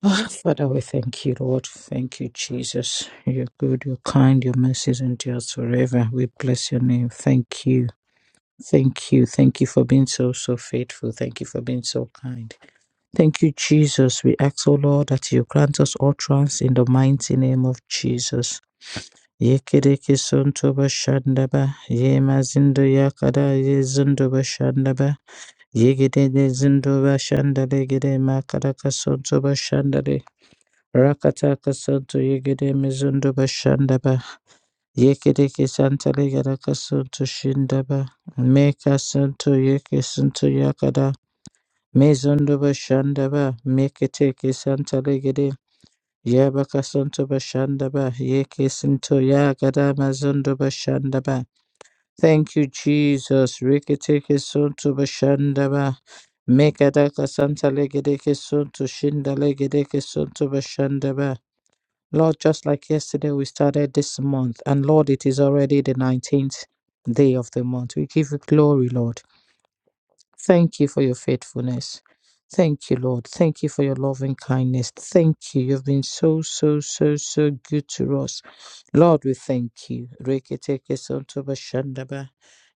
Ah, Father, we thank you, Lord. Thank you, Jesus. You're good, you're kind, your mercies endures forever. We bless your name. Thank you. Thank you. Thank you for being so, so faithful. Thank you for being so kind. Thank you, Jesus. We ask, O Lord, that you grant us utterance in the mighty name of Jesus. Yekereke sontoba shandaba, ye mazindo yakada ye zindoba shandaba, yegede zindoba shandale gede makaraka sontoba Rakataka Santo Yegede Mizundo Bashandaba Yekidiki Santa Ligadaka Santo Shindaba Meka Santo Yeke Santo Yakada Mizundo Bashandaba Mekiteki Santa Ligede Yabaka Santo Bashandaba Yeke Santo Yagada Mazundo Bashandaba Thank you, Jesus. Rikitiki Santo Bashandaba Mekadaka Santa Ligedeke Santo Shinda Ligedeke Santo Bashandaba Lord, just like yesterday, we started this month, and Lord, it is already the 19th day of the month. We give you glory, Lord. Thank you for your faithfulness. Thank you, Lord. Thank you for your loving kindness. Thank you. You've been so, so, so, so good to us. Lord, we thank you. Reketeke sonto bashandaba.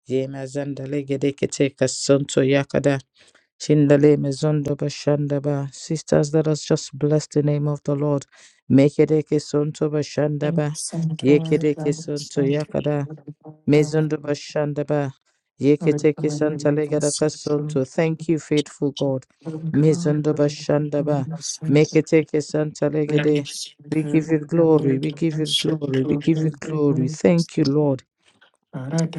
Yemazandale gedeketeke sonto yakada. Shindale mezondo bashanda ba. Sisters, let us just bless the name of the Lord. Mekereke sonto bashanda Thank ba. Yekereke sonto yakada. Mezondo bashanda ba. Yeketeke santa legada kasonto. Thank you, faithful God. Mezondo bashanda ba. Meketeke santa legede. We give you glory. We give you glory. We give you glory. Thank you, Lord.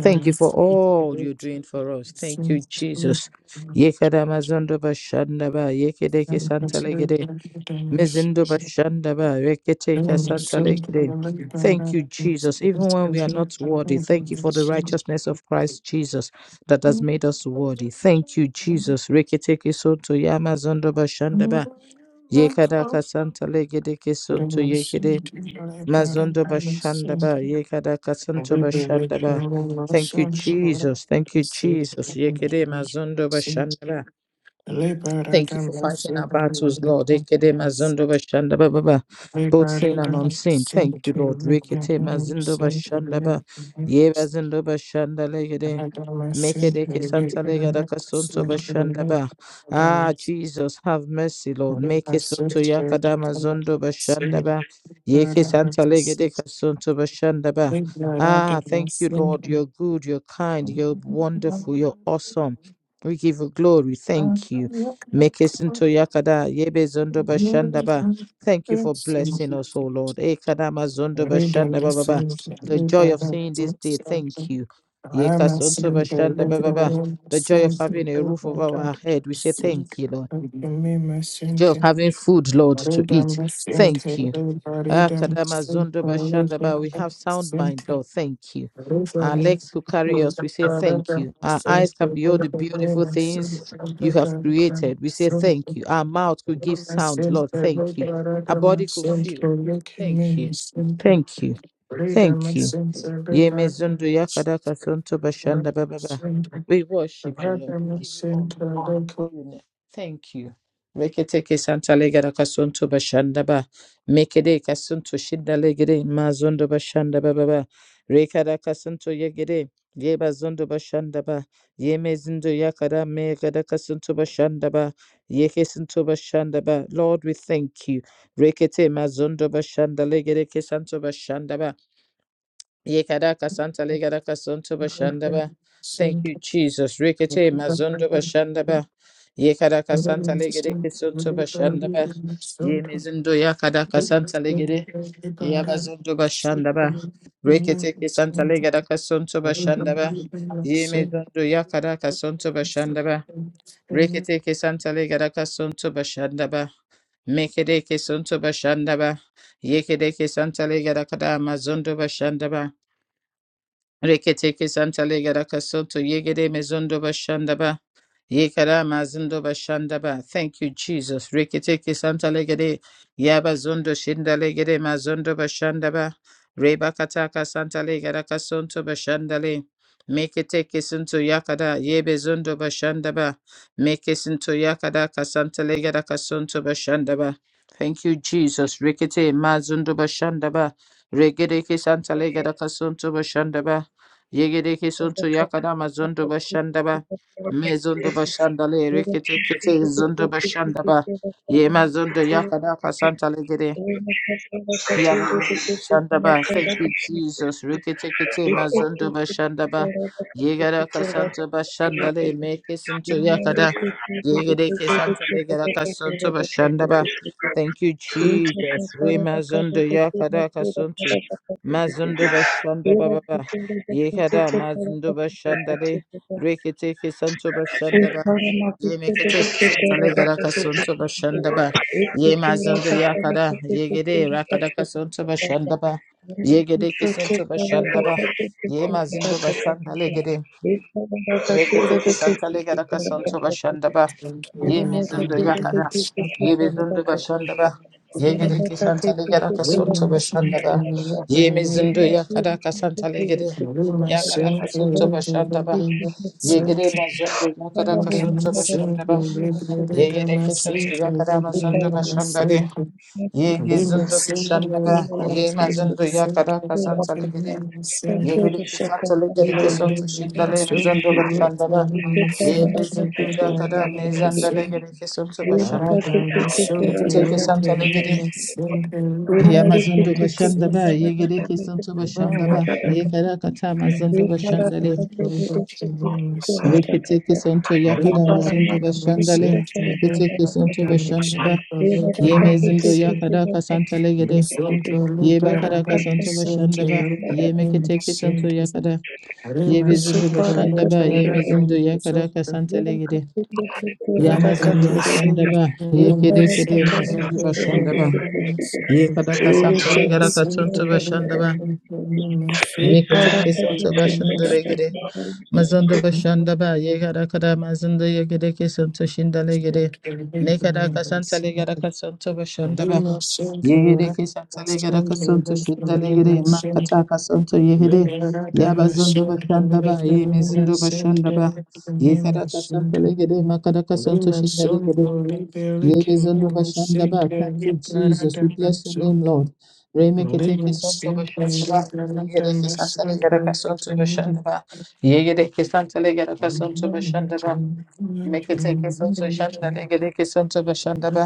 Thank you for all you're doing for us. Thank you, Jesus. Yekada mazondo bashanda ba, yekedeke santa legede, mezindo bashanda ba, reketeka santa legede. Thank you, Jesus. Even when we are not worthy, thank you for the righteousness of you. Christ Jesus that has Labor made us worthy. Thank you, Jesus. Reketeke sonto yama zondo ba ba, yekadaka santa legedeke sonto yekede. Mazondo Bashandaba, Yekada Kasanto Bashandaba. Thank you, Jesus. Thank you, Jesus. Yekede Mazondo Bashandaba. Thank you for fighting our battles, Lord. Ekede mazondo bashanda ba ba ba. Both seen and unseen. Thank you, Lord. Rekete mazindo bashanda ba. Ye bazindo bashanda legede. Mekedeke santa legada kasunto bashanda ba. Ah, Jesus, have mercy, I'm Lord. Make a it sunto sinker, living yakada in mazondo sin, bashanda ba. the Yeke bad, santa legede kasunto bashanda ba. Ah, thank you, Lord. You're good, you're kind, you're wonderful, you're awesome. We give you glory. Thank you. Mekisinto yakada yebe zondo bashanda ba. Thank you for blessing us, O Lord. Ekadama zondo bashanda ba ba ba. The joy of seeing this day. Thank you. Yeka sonto bashanda ba ba ba. The joy of having a roof over our head. We say sink, thank you, Lord. me, my The joy of sin. having food, Lord, to Center, eat. Thank you. Ah, Kadama Zondo Bashandaba, we have sound mind, Lord. Thank you. Our legs who carry us, we say thank you. Our eyes can behold the beautiful things you have created. We say thank you. Our mouth could give sound, Lord. Thank you. Our body could feel. Thank you. Thank you. Thank you. Yemezundu yakadaka suntu bashanda bababa. We worship you, Lord. We give you honor. We adore your name. Thank you. Reketeke santa legada kasunto bashanda ba. Mekede kasunto shinda legede mazondo bashanda ba ba ba. Rekada kasunto yegede. Yeba zondo bashanda ba. Yeme zindo yakada megada kasunto bashanda ba. ye sunto bashanda ba. Lord, we thank you. Rekete mazondo bashanda legede kesanto bashanda ba. Yekadaka Santa Legadaka Sunto Bashandaba. Thank you, Jesus. Rikete Mazundo Bashandaba. Yekadaka Thank Santa Legadeke Sunto Bashandaba. Yemizundo Yakadaka Santa Legade. Yabazundo Bashandaba. Rikete Santa Legadaka Sunto Bashandaba. Yemizundo Yakadaka Sunto Bashandaba. Rikete Santa Legadaka Sunto Bashandaba. Mekedeke Sunto Bashandaba. Yekedeke Santa Legadaka Mazundo Bashandaba. Reketeke santale gara kasoto yegere mezondo bashanda ba. Yekara mazindo bashandaba. Thank you, Jesus. Reketeke santa legede. Yaba zondo shinda legede mazondo bashandaba. Reba kataka santa legada kasonto bashandale. Make it take into yakada yebe zondo bashandaba. Make it into yakada kasanta legada kasonto bashandaba. Thank you, Jesus. Rekete mazondo bashandaba. Regede santa Thank legada kasonto bashandaba. Yegede kisonto yakada mazondo bashandaba. Mezondo Bashandale, you. Rekete Kete, Zondo Bashandaba, Yemazondo Yakadaka Santa Legere, Yabazundu Bashandaba. Thank you, Jesus. Riketekete Mazundu Bashandaba. Yegara Kasanto Bashandale. Make it into Thank you. Yakada. Yegereke Santale Garakasanto Bashandaba. Thank you, Jesus. Remazundu Yakada Kasuntu. Mazundu Bashandaba Baba. Yekada Mazundu Bashandale. Riketeke Santo Thank Bashandaba. Yemekete Santale Garakasanto Bashandaba. Ye mazando yakada, yegede rakada kasonto bashandaba, yegede kisonto bashandaba, ye mazindo bashanda legede, rekete kisanta legada kasonto bashandaba, ye mezundo yakada, ye mezundo bashandaba, yegede kisanta legada kasonto bashandaba, ye mezundo yakada kasanta legede, yakada kasonto bashandaba, you. yegede mazondo yakada Father, we have kasonto gathered bashandaba, before you once again. yegede kisonto yakada We mazondo thank you, Lord. bashandade, you. We Thank Ye you, Lima Jesus. gizundo Center, Thank you, Lima shandara, Holy ye Center, mazundo Jesus. ya kara Thank Center, you, kasan of the salegiri, man. Lima Thank ye Center, you, biri the kisan second and salegiri glory. everybody kisun in my Thank shindale you, street, mezundo Jesus. bashandara, We say, Lima ye Father, Center, that I gizundo give ya you a kara mark everybody in my to the street. mezandalegiri beginning. kisun We look I at subashandara, you, down you, you, the you, ye Lord, kiti kisan salegiri, to take care of the beginning. We ye might have mazundo to take the bashandaba, Father, ye giri kisun you a mark subashandaba, ye kara kata mazundo Thank bashandale, ye kiti kisun to ya kara mazundo bashandale, ye kiti kisun to bashandaba, ye mezundo ya Thank kara kasan Thank you. Ye bakada kasanto bashanda ba. Ye mekete kesanto yakada. Ye bezundo bashanda ba. Ye mezundo you. yakada kasanta Thank legede. Ya mazondo bashanda ba. Ye kede kede mazondo bashanda ba. Ye kada kasanta Bella legada sempre kasanto bashanda ba. brincando com uma Ye santa kete da kesanto família bashanda legede. santa. Mazondo bashanda ba. Ye Sempre kada kada mazondo ye kede kesanto shinda legede. Ne que kada me kasanta legada santa. kasanto bashanda ba. Bella sempre Yegere ora. keshatsalegere Sempre kasuntu da shitalegere família makata kasuntu yegere Thank you. yabazundu bashanda ba yemezindu bashanda ba yekara kasuntu legere makara kasuntu shitalegere yebezundu bashanda ba. Thank you, Jesus. We bless your name, Lord. Remekete Rinse kesuntu bashanda ba yegere keshatsalegere kasuntu bashanda ba yegere keshatsalegere kasuntu bashanda ba mekete kesuntu shanda legere kesuntu bashanda ba.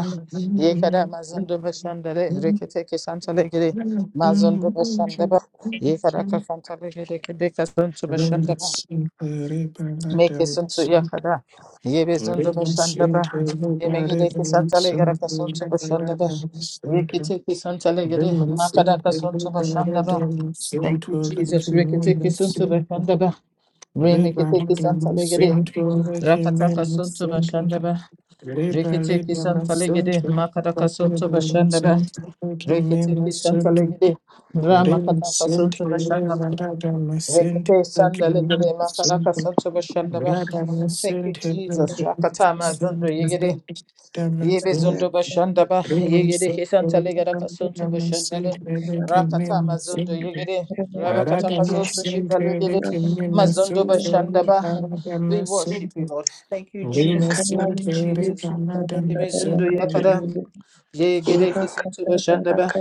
Ye Yekada mazondo bashandare rekete kesantale gere mazondo bashandaba yekada kasantale gere kede kasantu bashandaba and purify meke the santu soul. yakada yebe zondo Thank bashandaba yeme gere kesantale gere kasantu bashandaba rekete kesantale gere makada kasantu bashandaba thank you jesus rekete kesantu Re me kete kesantale gere rakata kasantu bashandaba rekete kesantale gere makada kasantu bashandaba Rekete santalegede drama kataka santo bashandaba. Rekete sandalegede makaraka you. santo Thank bashandaba. Thank you, Jesus. Rakatama zondo yegede. Yebe zondo bashandaba. Yegede ke santalegede kasanto bashandale. Rakatama zondo yegede. Rabakataka santo shindalegede. Mazondo bashandaba. We worship you, Lord. Thank you, Jesus. Thank you, Jesus. Yebe zondo yakada. you. Yegede ke Thank santo bashandaba.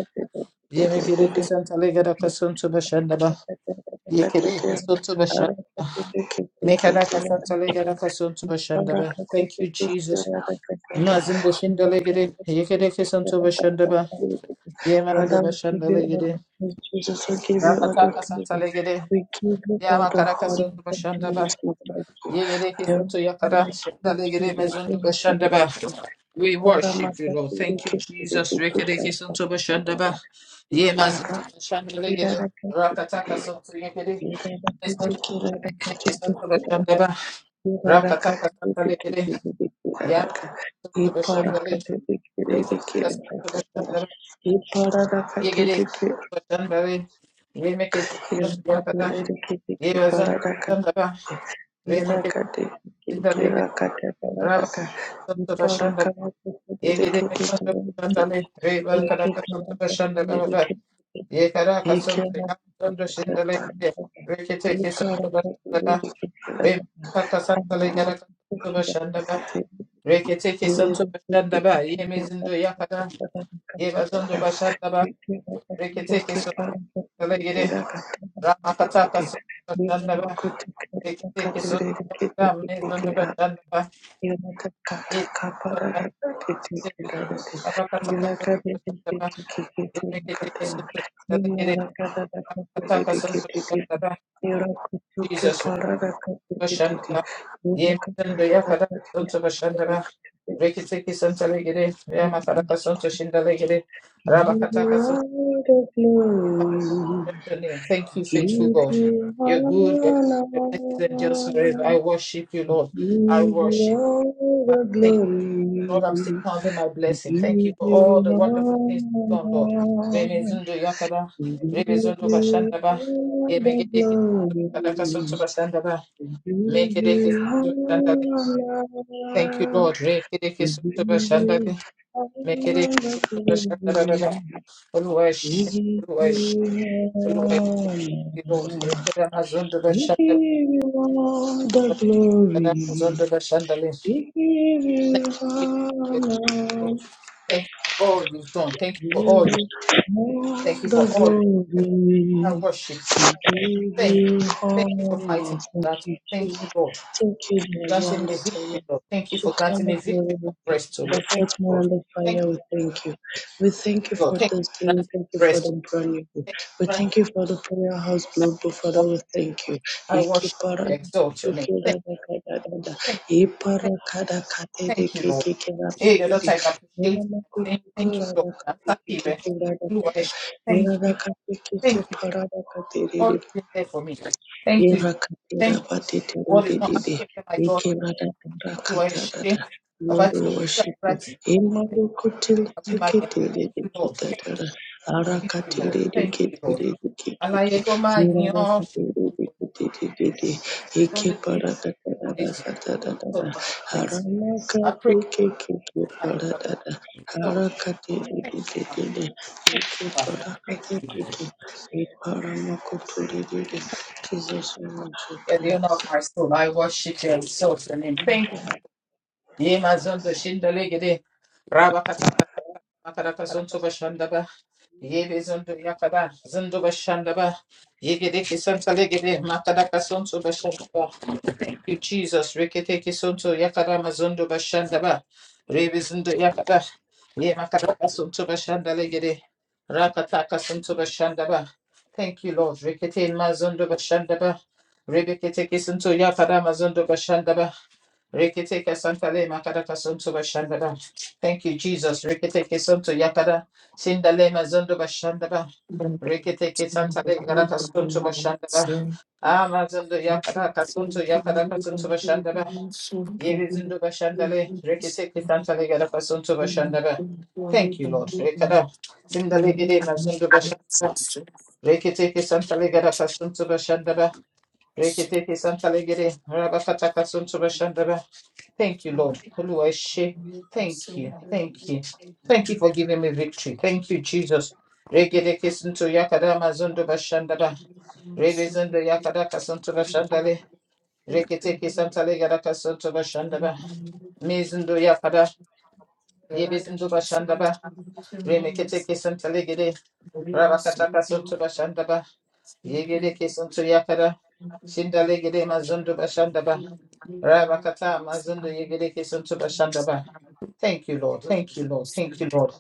Yemekere kesan tale gara kason to bashanda ba. Yekere kason to bashanda. Mekara kasan tale you. gara kason to bashanda Father, ba. Thank you, Jesus. Mazin de shindale gere. Yekere kesan to bashanda ba. Yemarando we bashanda give you le gere. all the praise, Jesus. We give you all the Rakata kasan glory. tale gere. We give you all Yama the kara honor kason to and praise to you. bashanda ba. Yekere There is kesan to none yakara like you, shindale gere Jesus. There is mezundo none bashanda ba. like you. You We are my worship you, God. Lord. You are Thank you, my Jesus. Rekere kesan to bashanda ba. Yemazin to God. bashanda le We are gere. my Rakata God. kason to yekere. Iparakata Rekete kesanta bashandala, Thank we masanta santa legara kasanta bashandaba, Reketeke santo başanda ba. Yemezindo yakada. Yebazondo başanda ba. Reketeke santo kala gire. Ramakata kasanto başanda ba. Reketeke santo yakada. Mezondo you. başanda ba. Lord the glory, Yezindo başanda ba. Ramakata kasanto başanda ba. Reketeke santo kala gire. Ramakata kasanto başanda ba. Jesus. Ye santa ya kada santo bashandara. Reki teki santa legere. Ya makaraka santo shindalegere. Rabakataka santo. Bless your name. Thank you, faithful God. give you You're good, you're kind, honor, your mercies and just forever. I worship you, Lord. I give you worship you. all Father, the Thank you. Lord, I'm still glory. counting my We blessing. Thank you give for all you the honor. wonderful things We you've done, Lord. Remezundo yakada, give you remezundo bashandaba, all the yemegedeke, glory. kadaka sonto bashandaba, We give you mekedeke honor. Thank you, Lord. We Rekereke soto give you bashandare. all the Mekereke soto bashandara glory. baba. We Oluwash. give you Oluwash. Oluwash. Thank honor. you, Lord. Rekere We give you all the glory. We give you Thank you, honor. Lord. Thank you for all you've done. Thank you for give all you. all Thank you the for all you. I glory. worship you, Lord. We give Thank you. you Thank you for fighting honor. Thank that. you, Thank you, Jesus. Lord, for Thank you, Lord. granting and me the victory, Lord. Thank you for granting Eternal me glory, victory we from thank Bristol, you. The Lord. Thank fourth you, Lord. morning of Thank fire, we thank you. We thank you you, Lord. for Thank you this day. for We granting thank you me for rest. the brand new day. Thank you, We Bless thank you for the prayer house my global. Lord. Father, we thank you. I worship Ikipara you, exalt your name. tukira Thank da ka da da da. you, Lord. Thank, thank, Ipara ka da ka te de thank you, ke Lord. ke ke da ke Hey, your ke de. daughter is Nira appreciated. na ku Thank, thank you, Lord. da I'm kate te sorry, ke ke man. ke da da You da are a da. sh- Thank Nira da you. kate te ke Thank ke you. para da You've kate de always de. been there for me. Thank you. Irakatira Thank you. patete The world is not dede. asking me, my God. Ikebada You are a sh- rakatadada. Ọba Lord tí we òjò gbà worship lóra you. tì mí, Olúwa, Imago kutili àbí máa yẹ. tikiti Thank dede you, Lord. Thank kitadada. you. Thank you, Arakatiri Lord. dede Thank you, kitiri Lord. dede kiki. Alaye tó máa yan ọ́ ṣòfò Hirada peke for eke the thank you Jesus. There's only para believing da da da da is you. da da da da so da Lord I praise you. harana ka I pray peke keke ke I para for da da so haraka te te thank te you te te Father. te Thank eke you Father. para ka Thank te you. peke e para makutu te te Jesus we worship Yeah, the you honor of my soul. I worship you and exalt your name. Thank you. Ye mazondo shindele gede. Raba kata kata kata makara zonto bashanda ba. Ye be zondo yakada zondo bashanda ba. Ye gede kisanta legede makara ka zonto bashanda ba. you, Jesus. Reketeke sonto yakara mazondo bashanda ba. Rebezindo yakara. Ye makara sonto bashanda legere. Rakataka sonto bashanda ba. Thank you, Lord. Rekete mazondo bashanda ba. Rebeketeke sonto yakara mazondo bashanda ba. Reketeke santa le makara sonto bashanda ba. Thank you, Jesus. Reketeke sonto yakara. Sindale mazondo bashanda ba. Reketeke santale yara kasonto başandara. Amazando yakara kasonto yakara kasonto başandara. Yerizindo başandale. Reketeke you. santale yara kasonto Thank başandara. Thank you Lord. Rekara sindale gire mazundo başandara. Reketeke santale yara kasonto başandara. Reketeke santale gire rabakata kasonto Thank you, Lord. Olúwa, ẹ ṣé. Thank you. Thank you. Thank you for giving me victory. Thank you, Jesus. Regede kesinto yakada mazondo bashandaba. Regezondo yakada kasonto bashandale. Regete kesantale gada kasonto bashandaba. Mizindo yakada. Yebezindo bashandaba. Remekete kesantale gede. Rabakata kasonto bashandaba. Yegede kesanto yakada. Shindale gede mazondo bashandaba. Rabakata mazondo you. yegede kesanto bashandaba. Thank Thank you, Lord. Thank you, Lord. Thank you, Lord.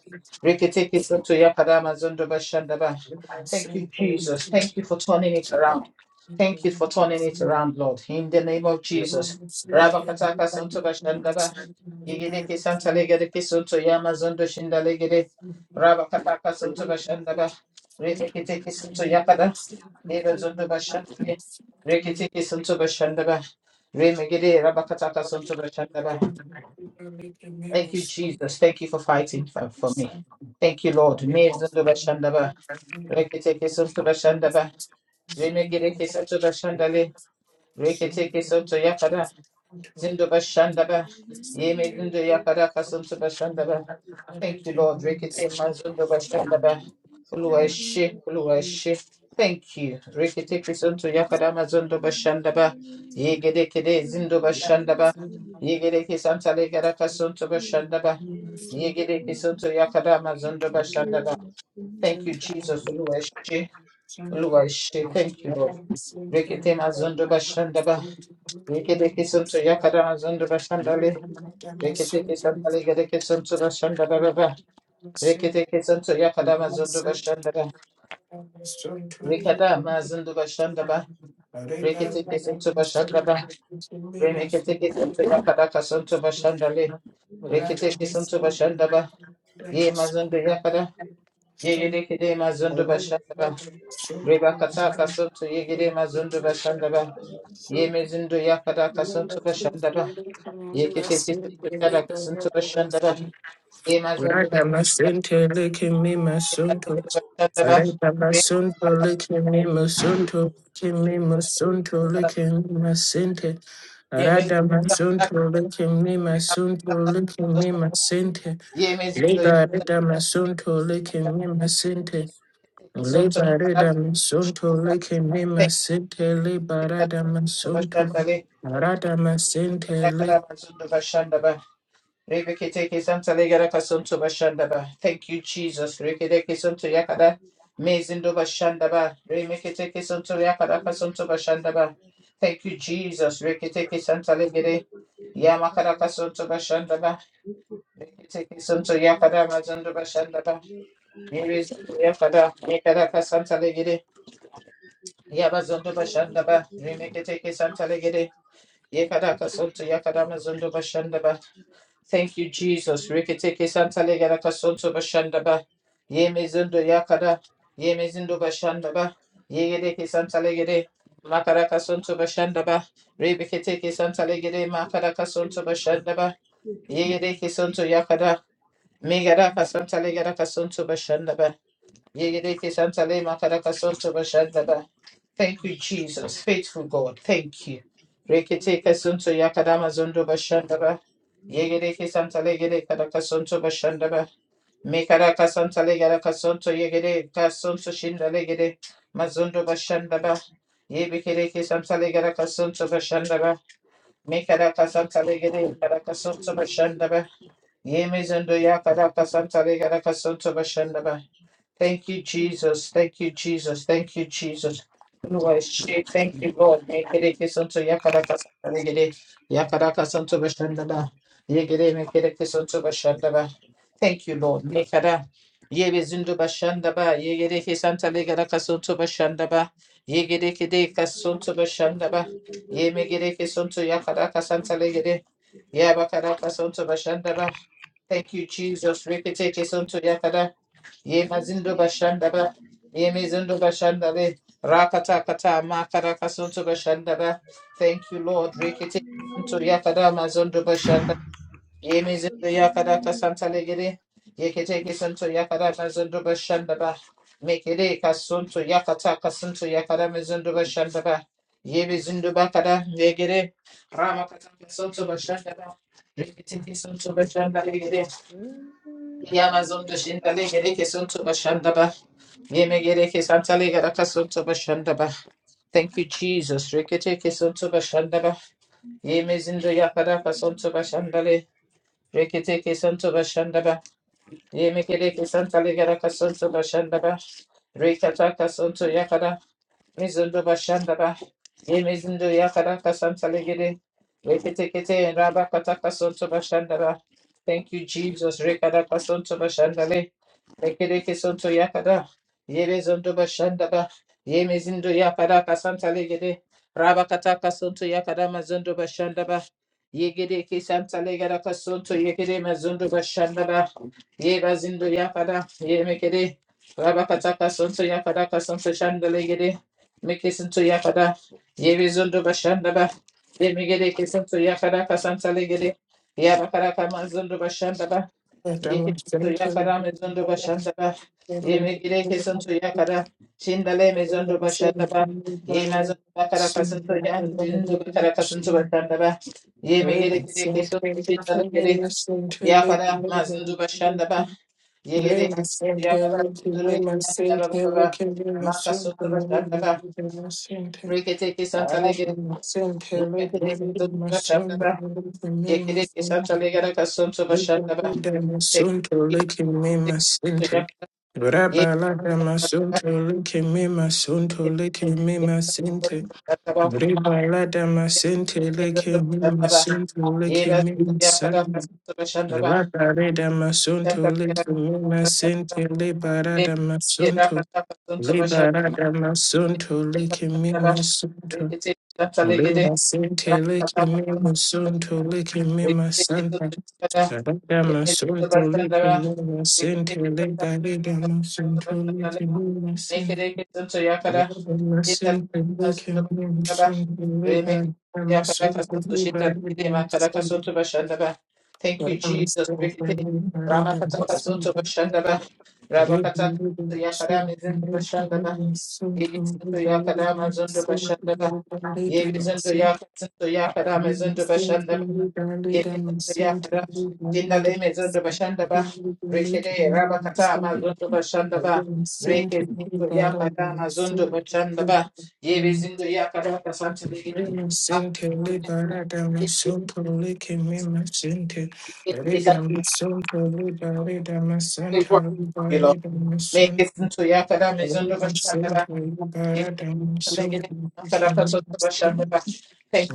Reketekisoto yakadama zondoba shandaba. Thank you, Jesus. Thank you for turning it around. Thank you for turning it around, Lord. In the name of Jesus. Rabakataka sontoba shandaba. Yegedeke santalegedeke sonto yama zondo shindalegede. Rabakataka sontoba shandaba. Reketekisonto yakada. Eva zondoba shandaba. Reketekisontoba shandaba. Remegede rabakataka sontoba shandaba. Thank you, Jesus. Thank you for fighting for, for me. you. Thank you, Lord. Me zundu bashandaba, rekete kesuntu bashandaba, remegere kesuntu bashandale, rekete kesuntu yakada, zindu bashandaba, yeme zindu yakada kasuntu bashandaba. Thank you, Lord. Rekete mazundu bashandaba, uluwashi, uluwashi. Thank you. Rekete kesuntu yakada mazundu bashandaba, yegede kede zindu bashandaba, yegede kesantale gara kasuntu bashandaba. Yegedekisoto yakadama zondo bashandaba. Thank you, Jesus. Oluwashi. Oluwashi. Thank you, Lord. Reketema zondo bashandaba. Yegedekisoto yakadama zondo bashandale. Reketekesantale gedekesonto bashandaba baba. Reketekesonto yakadama zondo bashandaba. Rekadama zondo bashandaba. Reketekesonto bashandaba. Remeketekesonto yakadaka sonto bashandale. Reketekesonto bashandaba. Ye mazondo yakada. Ye yedekede mazondo bashandaba. Reba kata kasuntu yegere mazundu bashandaba. Ye mezindu yakada kasuntu bashandaba. Ye kete kisuntu kada kasuntu bashandaba. Ye mazundu bashandaba. Radamasente lekemi Ye masunto. mazundu bashandaba. Reba Radamasento kata lekemi kasuntu masunto. Kemi masunto bashandaba. lekemi masente. Ye mezindu yakada Radamasonto lekemi kasuntu masunto lekemi bashandaba. masente. Ye mezindu Leba yakada kasuntu bashandaba. radamasonto lekemi masente. Kete kisuntu Leba kada radamasonto bashandaba. lekemi Kete masente. Leba kisuntu radamasonto. bashandaba. Ye mazundu Radamasente Yakada lekemi mazundu bashandaba. Rebekiteke Santa Legaraka Santo Bashandaba. Thank you, Jesus. Rekedeke Santo Yakada. Mezindo Bashandaba. Remeketeke Santo Yakaraka Santo Bashandaba. Thank you, Jesus. Reketeke Santa Legere. Yamakaraka Santo Bashandaba. Reketeke Santo Yakada Mazando Bashandaba. Merezindo Yakada. Yakaraka Santa Legere. Yabazondo Bashandaba. Remeketeke Santa Legere. Yakaraka Santo Yakada Mazondo Bashandaba. Thank you, Jesus. Rikiteke Santa Legada Kasonto Bashandaba. Ye Mezundo Yakada. Ye Mezundo Bashandaba. Ye Gedeke Santa Legade. Makara Kasonto Bashandaba. Rebeketeke Santa Legade. Makara Kasonto Bashandaba. Ye Gedeke Sonto Yakada. Megada Kasanta Legada Kasonto Bashandaba. Ye Gedeke Santa Le Makara Kasonto Bashandaba. Thank you, Jesus. Faithful God. Thank you. Rekete kasunto yakadama zondo bashandaba. Yegede kesanta legede kadaka sonto bashandaba. Mekada kasanta legada kasonto yegede kasonto shinda legede. Mazondo bashandaba. Yebekede kesanta legada kasonto bashandaba. Mekada kasanta legede kadaka sonto bashandaba. Yemezondo yakada kasanta legada kasonto bashandaba. Thank you, Jesus. Thank you, Jesus. Thank you, Jesus. Lord, she- Thank you, Lord. Mekereke santo yakaraka santaregere. Yakaraka santo bashandaba. Yegere mekereke santo bashandaba. Thank you, Lord. Mekara. Yebe zindu bashandaba. Yegereke santa legaraka santo bashandaba. Yegereke deka santo bashandaba. Yemegereke santo yakaraka santa legere. Yabakaraka santo bashandaba. Thank you, Jesus. Reketeke santo yakara. Ye mazindo bashanda ba. Ye mizindo bashanda le. Rakata kata makaraka sunto bashanda ba. Thank you, Lord. Rekete sunto yakada mazondo bashanda. Ye mizindo yakada kasanta legere. Ye keteke sunto yakada mazondo bashanda ba. Mekere kasunto yakata kasunto yakada mizindo bashanda ba. Ye mizindo bakada legere. Ramakata kasunto bashanda ba. Rekete sunto bashanda legere. Okay, Ya mazondo shinda legere kesunto bashanda ba. Yemegere kesantale gara kasunto bashandaba. Thank you, Jesus. Rekete kesunto bashandaba. Yemezindo yakara kasunto bashandale. Rekete kesunto bashandaba. Yemegere kesantale gara kasunto bashandaba. Rekata kasunto Mizundo Bashandaba, Yemizundo Yakaraka Santalegede, Reketekete, and Rabakataka Sonto bashanda ba. Thank you, Jesus. Rekadaka Sonto Bashandale, Rekedeke Sonto Yakada, Yerezondo Bashandaba, Yemizundo Yakaraka Santalegede, Rabakataka Sonto Yakada Mazundo Bashandaba, Yegedeke Santalegada Sonto Yegede Mazundo bashanda ba. Ye bazindo yakada, ye mekede, rabakataka sonto yakada kasonto shandalegede, mekesinto yakada, ye bizondo bashandaba, ye megede kesinto yakada kasanta legede, yabakada kamazondo bashandaba, ye kesinto yakada mezondo masente. bashandaba, ye Thank megede kesinto yakada, shindale mezondo bashandaba, ye mazondo bakada kasinto yandindo bakada kasinto bashandaba, ye megede kede kesinto shindalegede, yakada mazindo bashandaba, Yekere you. Masunto leke me masinte. Raba lada masunto leke me masunto leke me masinte. Riba lada masinte leke me masunto leke me masanta. Raba reda masunto leke me masinte leba rada masunto. Leba masunto leke me Thank masunto. Lima City, Licky Mima Sunto, Licky Mima Santa. Caragama Sunto, Licky Mima City, Libaligama Sunto, Licky Mima City. Lima City, Licky Mima Sunto, Libaligama Sunto, Libaligama City. you, Caragama Jesus. Sunto, Rama Libaligama Kataka Sunto Sunto. Bashandaba. Rabakataka Libaligama Yakadam Sunto, is in Licky Mima Sunto, Yegizinto yakadama Libaligama zondo Sunto, bashandaba. Libaligama Yegizinto City. yakazinto yakadama zondo Thank bashandaba. Yegizinto yakada. Tindaleme zondo bashandaba. Rekede rabakatama zondo bashandaba. Rekezinto yakadama zondo bashandaba. Yegizinto yakadama santo legini. Make it into Yakada Mizundo Bashandaba, Thank you.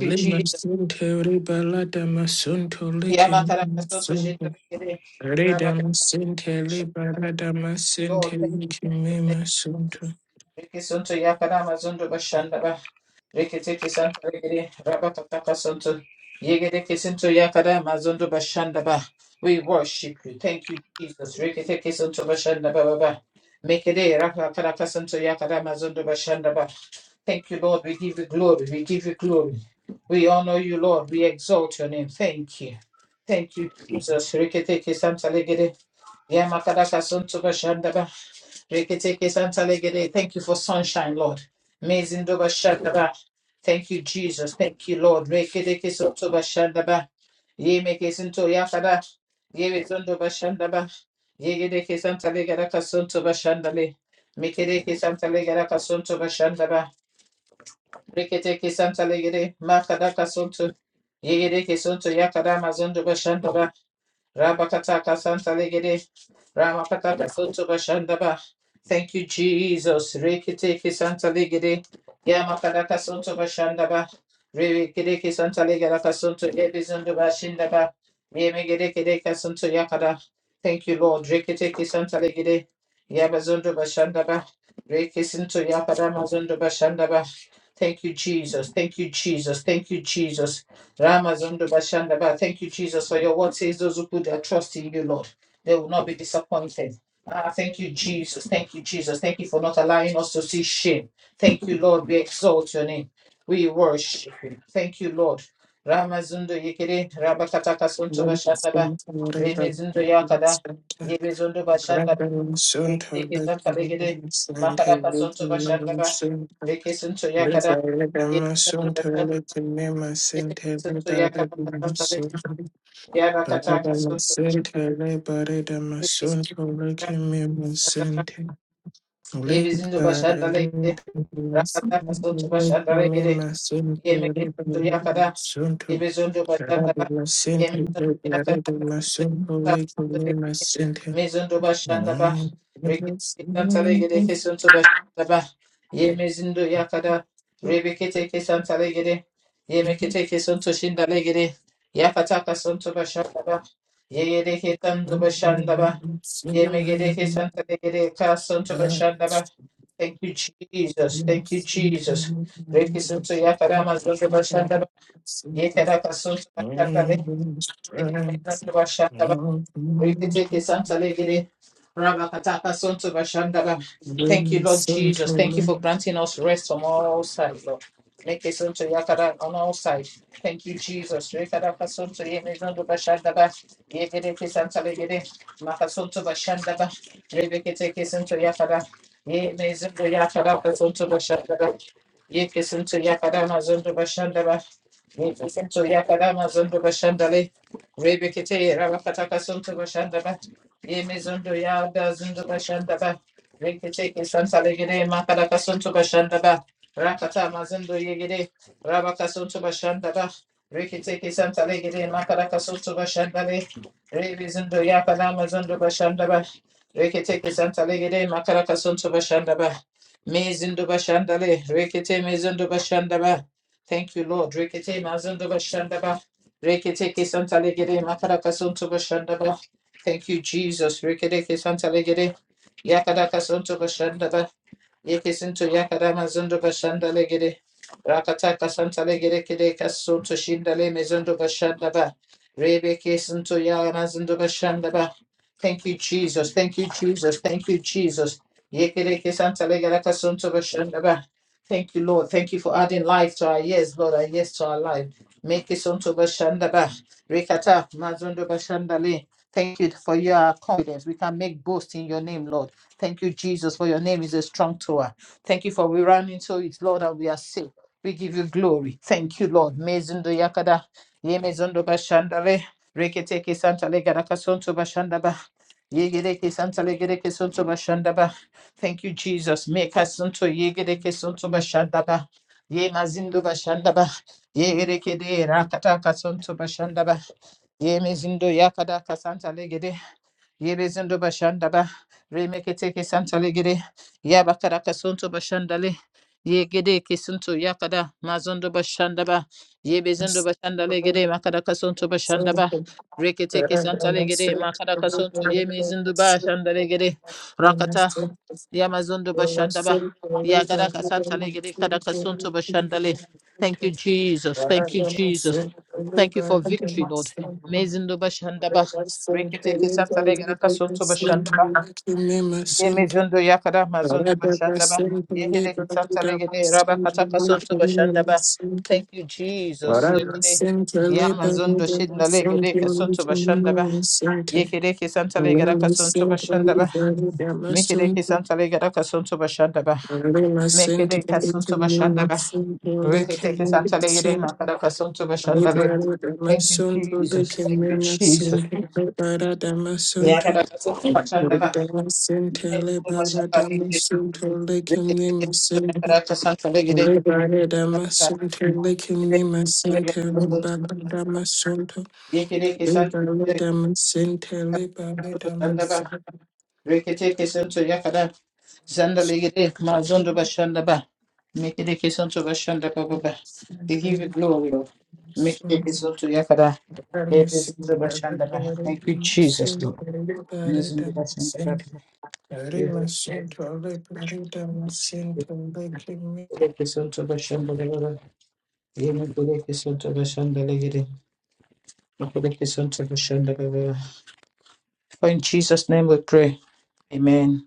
you, Jesus. Center Liberada Masunto Likim Yamakarakasoto Sunto shindarakere. Redam Center Ramakarakotoshaka. Liberada you, Lord. Masente Thank you. Thank Likimima you. Sunto Reke sonto yakara mazondo bashanda Reke teke santa regere rabata taka sonto. Yegere ke mazondo bashanda We worship you. Thank you, Jesus. Reke teke sonto bashanda ba ba ba. Mekere raka mazondo bashanda Thank you, Lord. We give you glory. We give you glory. We honor you, Lord. We exalt your name. Thank you. Thank you, Jesus. Rikiteke santalegede. Yamakadaka suntuba shandaba. Rikiteke santalegede. Thank you for sunshine, Lord. Amazing Mezindoba shandaba. Thank you, Jesus. Thank you, Lord. Rikiteke suntuba shandaba. Yemeke sunto yakada. Yemizundoba shandaba. Yegedeke santalegedaka suntuba shandale. Mikedeke santalegedaka suntuba shandaba. Rikete kesanta legere makada kasuntu. Yegere kesuntu yakada mazundu bashandaba. Rabakata kasanta legere. Ramakata kasuntu bashandaba. Thank you, Jesus. Rikete kesanta legere. Yamakada kasuntu bashandaba. Rikete kesanta legere kasuntu ebizundu bashindaba. Yemegere kere kasuntu yakada. Thank you, Lord. Rikete kesanta legere. Yabazundu bashandaba. Rekisintu yakada mazundu bashandaba. Thank you, Jesus. Thank you, Jesus. Thank you, Jesus. Ramazondo Bashandaba. Thank you, Jesus, for your word says those who put their trust in you, Lord, they will not be disappointed. Ah, thank you, Jesus. Thank you, Jesus. Thank you for not allowing us to see shame. Thank you, Lord. We exalt your name. We worship you. Thank you, Lord. Ramazundo Yekere, Rabakataka Sunto Bashandaba. Center Liberada Remezundo Yakada. Center Yebezundo Bashandaba. Radam Sunto Yegede Kisanta Legede. Likim Center Makadaka Sunto Likimima Bashandaba. Sunto Rekesunto Yakada. Liberada If is Masunto in Likimima Center Liberada Masunto Radam Center Liberada Masunto Likimima Center Thank the Bashan, the Yemekesin to Bashan, the lake, Yemekit to yakada Elizondo bashanda ba yemeza yata mezondo bashanda ba rekete santa legede kesonto bashanda ba yemezindo yakada rebekete kesanta legede yemekete kesonto shinda legede yakata kasonto bashanda ba yegede Ye bashanda ba yemegede kesanta legede kasonto bashanda ba thank you jesus thank you jesus rekesonto yakada mazondo bashanda you. Yeteraka sutra kandale, and strength of I'm yeteraka sutra kandale, I'm I'm Reketeke Santa Legere, Rabakataka Sonto Bashandaba. Thank you, Lord I'm I'm Jesus. Thank you for I'm granting us rest from all sides, Lord. Leke Sonto Yakara on all sides. Thank you, Jesus. Rekadaka Sonto Yemezondo Bashandaba. Yegereke Santa Legere, Makasonto Bashandaba. Rebeketeke Sonto Yakara. Yemezondo Yakara Kasonto Bashandaba. Yeke Sonto Yakara Mazondo Bashandaba. Yeke Sonto Yakara Mazondo Bashandale. Rebekete Rabakata Kasunta Bashandaba. Yemizundo Yada Zunda Bashandaba. Rekete Santa Legere Makada Kasunta Bashandaba. Rakata Mazundo Yegede. Rabakasunta Bashandaba. Rekete Santa Legere Makada Kasunta Bashandale. Rebizundo Yakada Mazundo Bashandaba. Rekete Santa Legere Makada Kasunta Bashandaba. Mezindo Bashandale. Rekete Mezundo Bashandaba. Thank you, Lord. Rekete Mazundo Bashandaba. Reketeke Santa Legere Makaraka Sonto Bashandaba. Thank you, Jesus. Reketeke Santa Legere Yakadaka Sonto Bashandaba. Yekisinto Yakadama Zondo Bashanda Legere. Rakataka Santa Legere Kedeka Sonto Shindale Mezondo Bashandaba. Rebeke Santo Yama Zondo Bashandaba. Thank you, Jesus. Thank you, Jesus. Thank you, Jesus. Yekereke Santa Legere Sonto Bashandaba. Thank you, Lord. Thank you for adding life to our years, Lord, and yes to our life. Make it unto Bashandaba. Rekata Mazondo Bashandale. Thank you for your confidence. We can make boast in your name, Lord. Thank you, Jesus, for your name is a strong tower. Thank you for we run into it, Lord, and we are safe. We give you glory. Thank you, Lord. Mezundo Yakada. Ye Mezondo Bashandale. Reketeke Santa Legaraka Sonto Bashandaba. Yegereke Santa Legereke Sonto Bashandaba. Thank you, Jesus. Make us unto Yegereke Sonto Bashandaba. Ye Mazindo Bashandaba. Ye erekede rakata kasanto bashandaba. Ye mezindo yakada kasanta legede. Yirizindu bashandaba. Remeketeke santalegede. Yabakaraka suntu bashandale. Yegede kisuntu yakada. Mazundu bashandaba. Yebezindu bashandalegede. Makaraka suntu bashandaba. Reketeke makada Makaraka suntu yemezindu bashandalegede. Rakata. Yamazundu bashandaba. Yagaraka santalegede. Kadaka suntu bashandale. Thank you, Jesus. Thank you, Jesus. Thank you for victory, Lord. Amazing Rikiteke Santale Ganaka Sunto Bashandaba, Thank Ye you. Mizundo Yakada Thank you. Mazundo Bashandaba, Ye Hideki Santale Gede Rabba Kataka Sunto Bashandaba. Thank you, Jesus. Yekide Yamazundo Shindale Gede Kasunto Bashandaba, Yekideki Santale Ganaka Sunto Bashandaba, Mikideki Santale Ganaka Sunto Bashandaba, Mikide Kasunto Bashandaba, Rikiteke Santale Gede Makadaka Sunto Bashandaba. Libera Thank you, sente, Jesus. Thank you, Jesus. Yakada Kasunto Bashandaba. Yine zinde libera başında dama ilgili sente, ve licking kesinlikle sürme me, karar kasan çöre gidin. Libare damascente licking damascente libare damascente Yekili kesin libare damascente libare başında ba. Rekete kesin çöre kadar zinde ilgili mazundu başında ba. Mekili kesin çöre başında ba ba ba. We give you glory, Lord. Make it so to Yakada. It is the Bashandaba. Thank you, Jesus, Lord. It is in the Bashandaba. We will- damascente Make it so to Bashandaba. For in Jesus' name we pray. Amen.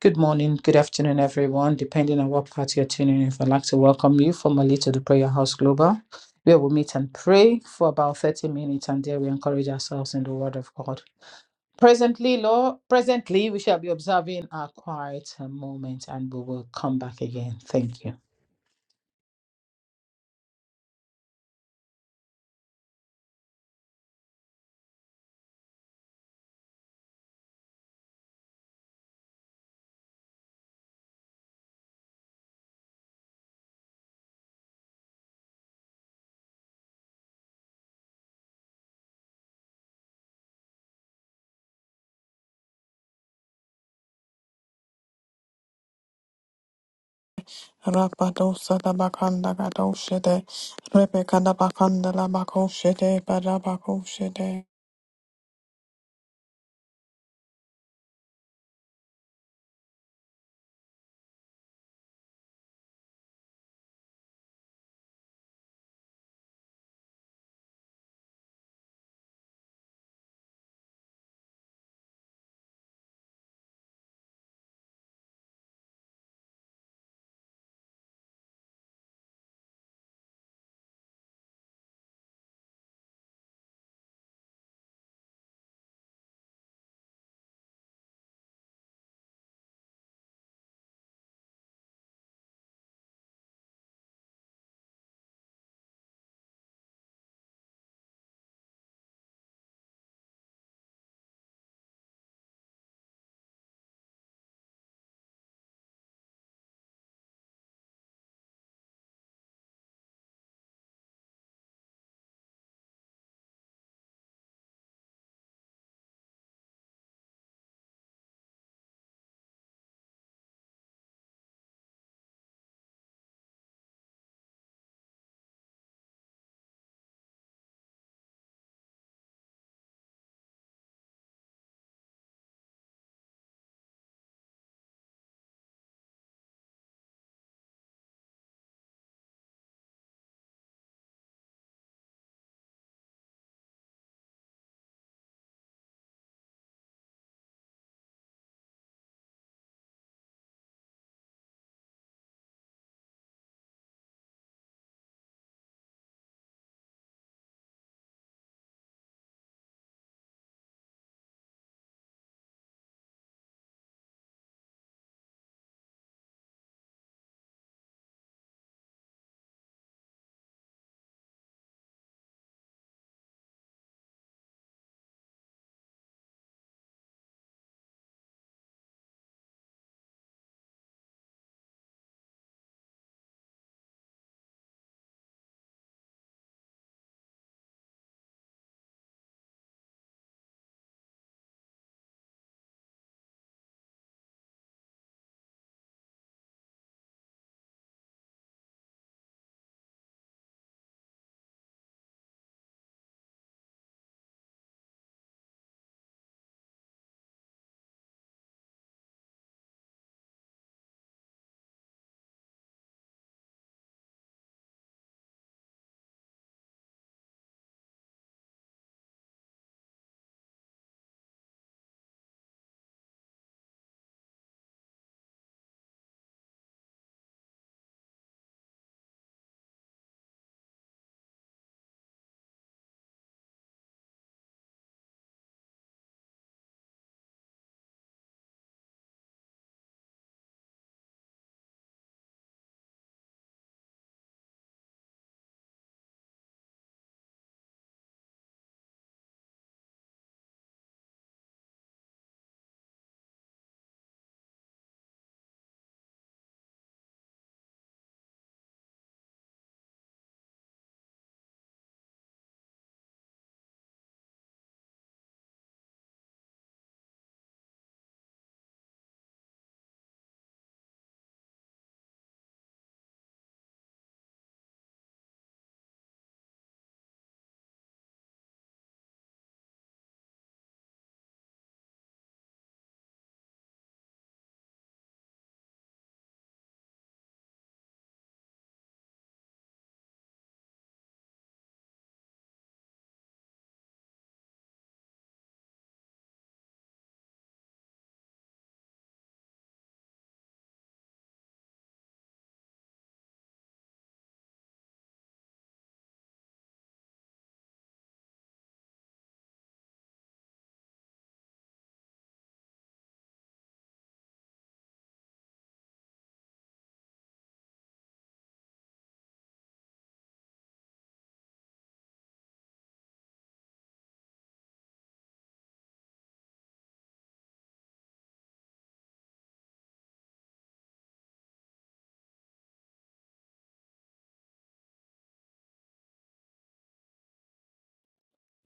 Good morning, good afternoon, everyone, depending on what part you're tuning in. I'd like to welcome you formally to the Prayer House Global, where we meet and pray for about 30 minutes and there we encourage ourselves in the Word of God. Presently, Lord, presently, we shall be observing our quiet moment and we will come back again. Thank you. Rabadosa da bakanda gadoshede, Rebecca da bakanda la bakoshede, Barabakoshede.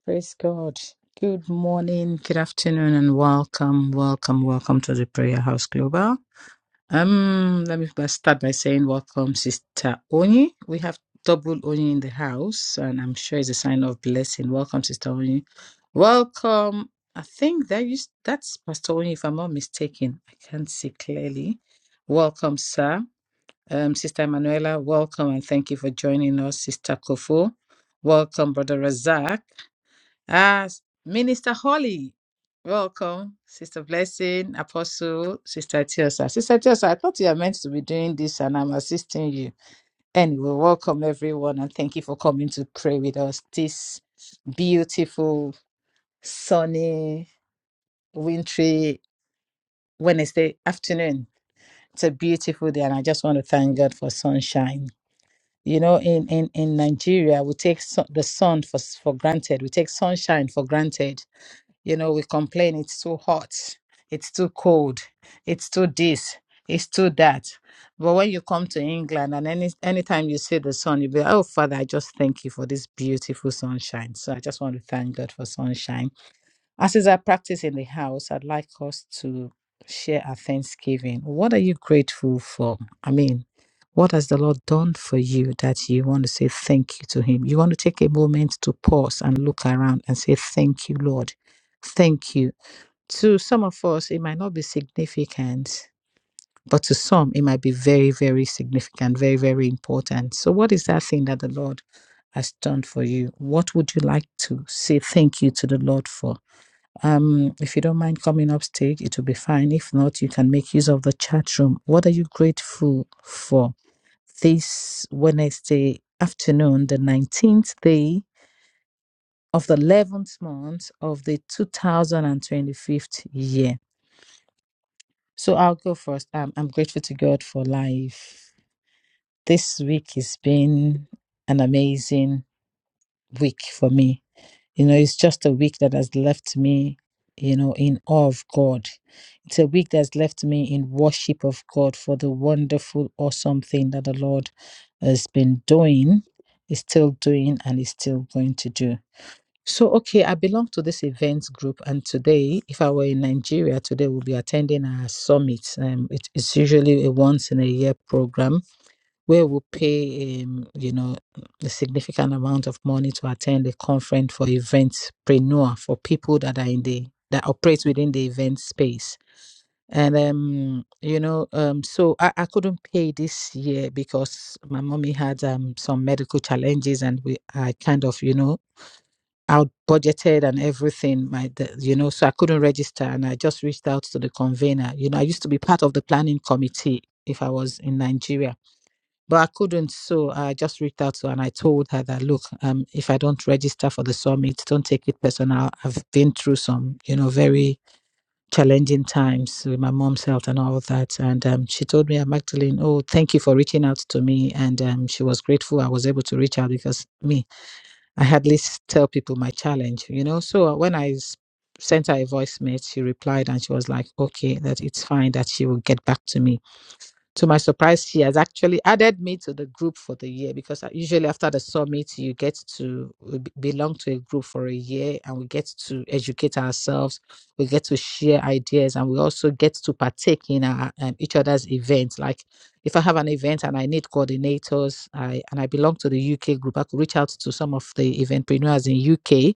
Praise God. Good morning, good afternoon, and welcome, welcome, welcome to the Prayer House Global. Um, let me first start by saying welcome, Sister Oni. We have double Oni in the house, and I'm sure it's a sign of blessing. Welcome, Sister Oni. Welcome. I think that is that's Pastor Oni, if I'm not mistaken. I can't see clearly. Welcome, sir. Um, Sister Emanuela, welcome and thank you for joining us, Sister Kofo. Welcome, Brother Razak. Ah, s- Minister Holly, welcome. Sister Blessing, Apostle, Sister Tiosa. Sister Tiosa, I thought you were meant to be doing this and I'm assisting you. Anyway, welcome everyone and thank you for coming to pray with us this beautiful, sunny, wintry Wednesday afternoon. It's a beautiful day and I just want to thank God for sunshine. You know, in, in, in Nigeria, we take sun the sun for, s- for granted. We take sunshine for granted You know, we complain it's too hot, it's too cold, it's too this, it's too that. But when you come to England and any anytime you see the sun, you'll be, like, oh Father, I just thank you for this beautiful sunshine. So I just want to thank God for sunshine as is our practice in the house, I'd like us to share our thanksgiving. What are you grateful for? I mean, what has the Lord done for you that you want to say thank you to Him? You want to take a moment to pause and look around and say, Thank you, Lord. Thank you. To some of us, it might not be significant, but to some, it might be very, very significant, very, very important. So, what is that thing that the Lord has done for you? What would you like to say thank you to the Lord for? Um, if you don't mind coming up stage, it will be fine. If not, you can make use of the chat room. What are you grateful for this Wednesday afternoon, the 19th day of the 11th month of the 2025th year? So I'll go first. Um, I'm grateful to God for life. This week has been an amazing. week for me. You know, it's just a week that has left me, you know, in awe of God. It's a week that's left me in worship of God for the wonderful, awesome thing that the Lord has been doing, is still doing, and is still going to do. So, okay, I belong to this events group, and today, if I were in Nigeria, today we'll be attending our summit. Um, it's usually a once in a year program where we pay, um, you know, a significant amount of money to attend a conference for eventpreneur for people that are in the that operate within the event space. And um, you know, um, so I, I couldn't pay this year because my mommy had um some medical challenges, and we I kind of you know out budgeted and everything. My the, you know, so I couldn't register, and I just reached out to the convener. You know, I used to be part of the planning committee if I was in Nigeria but I couldn't. So I just reached out to her and I told her that, look, um, if I don't register for the summit, don't take it personal. I've been through some, you know, very challenging times with my mom's health and all that. And um, she told me, Magdalene, oh, thank you for reaching out to me. And um, she was grateful I was able to reach out because me, I hardly s- tell people my challenge, you know. So when I s- sent her a voice message, she replied and she was like, okay, that it's fine that she will get back to me to my surprise, she has actually added me to the group for the year because I- usually after the summit, you get to uh, b- belong to a group for a year and we get to educate ourselves, we get to share ideas, and we also get to partake in our, um, each other's events. Like if I have an event and I need coordinators, I and I belong to the UK group, I could reach out to some of the eventpreneurs in UK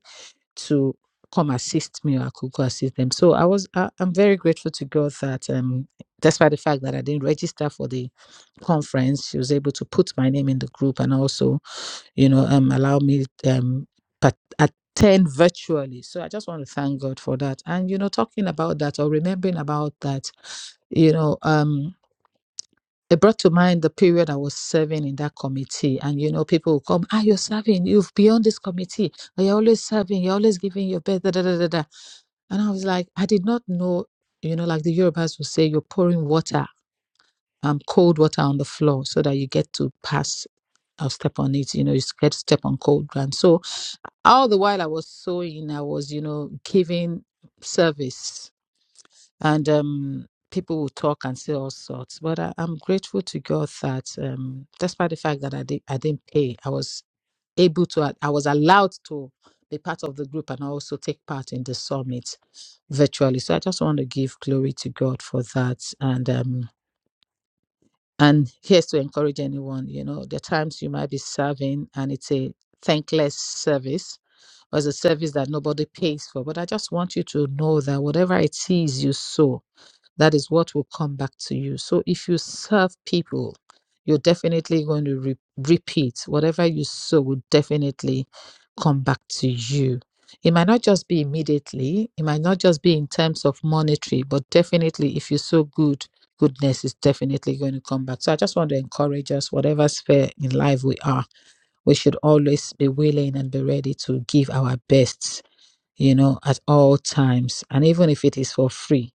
to come assist me or I could go assist them. So I was I, I'm very grateful to God that um despite the fact that I didn't register for the conference, she was able to put my name in the group and also, you know, um allow me um pat- attend virtually. So I just want to thank God for that. And you know, talking about that or remembering about that, you know, um it brought to mind the period I was serving in that committee. And you know, people will come, ah, you're serving, you've beyond this committee. You're always serving, you're always giving your best. Da, da, da, da, da." And I was like, I did not know, you know, like the Yorubas will say, you're pouring water, um, cold water on the floor so that you get to pass or step on it, you know, you get to step on cold ground. So all the while I was sewing, I was, you know, giving service and um people will talk and say all sorts. But I, I'm grateful to God that um despite the fact that I did I didn't pay, I was able to i was allowed to be part of the group and also take part in the summit virtually so i just want to give glory to god for that and um and here's to encourage anyone you know the times you might be serving and it's a thankless service or it's a service that nobody pays for but i just want you to know that whatever it is you sow that is what will come back to you. So if you serve people, you're definitely going to re- repeat whatever you sow will definitely come back to you. It might not just be immediately, it might not just be in terms of monetary, but definitely if you sow good, goodness is definitely going to come back. So I just want to encourage us, whatever sphere in life we are, we should always be willing and be ready to give our best, you know, at all times. And even if it is for free,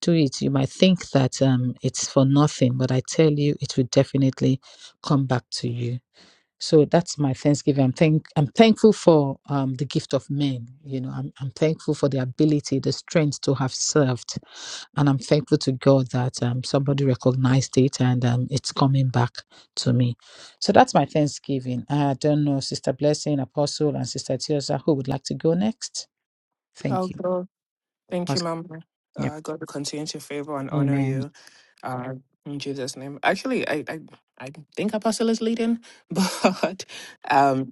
do it, you might think that um, it's for nothing, but I tell you, it will definitely come back to you. So that's my Thanksgiving. I'm thank I'm thankful for um, the gift of men. You know, I'm I'm thankful for the ability, the strength to have served, and I'm thankful to God that um, somebody recognized it and um, it's coming back to me. So that's my Thanksgiving. I don't know, Sister Blessing, Apostle, and Sister Tiosa, who would like to go next? Oh Thank you. God, thank you, Apostle. Mama. Yep. Uh, God will continue to favor and honor Amen. you. Uh, in Jesus' name. Actually, I, I, I think Apostle is leading, but um,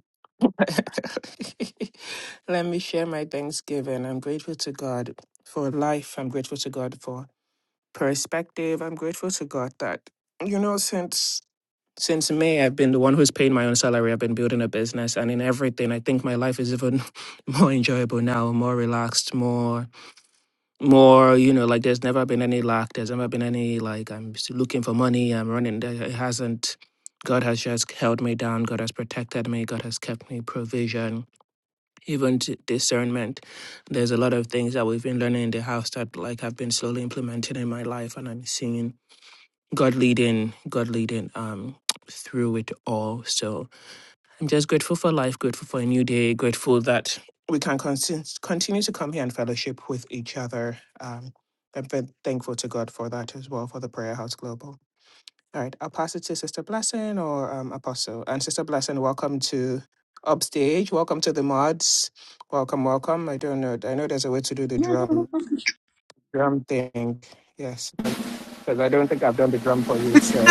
let me share my thanksgiving. I'm grateful to God for life. I'm grateful to God for perspective. I'm grateful to God that you know since since May I've been the one who's paying my own salary. I've been building a business, and in everything, I think my life is even more enjoyable now, more relaxed, more more you know like there's never any lack. That, Like I am. Wasn't God has shut me down. God has even t- discernment. There's a lot of things that we've been learning I've started like have been slowly implementing life and I'm seeing God leading, God leading um through it all. So I'm just grateful for life, grateful for a new day, grateful that we can consist- continue to come here and fellowship with each other. Um, I'm very thankful to God for that as well, for the Prayer House Global. All right, I'll pass it to Sister Blessing or um, Apostle. And Sister Blessing, welcome to upstage. Welcome to the mods. Welcome, welcome. I don't know. I know there's a way to do the drum drum thing. Yes, because I don't think I've done the drum for you. So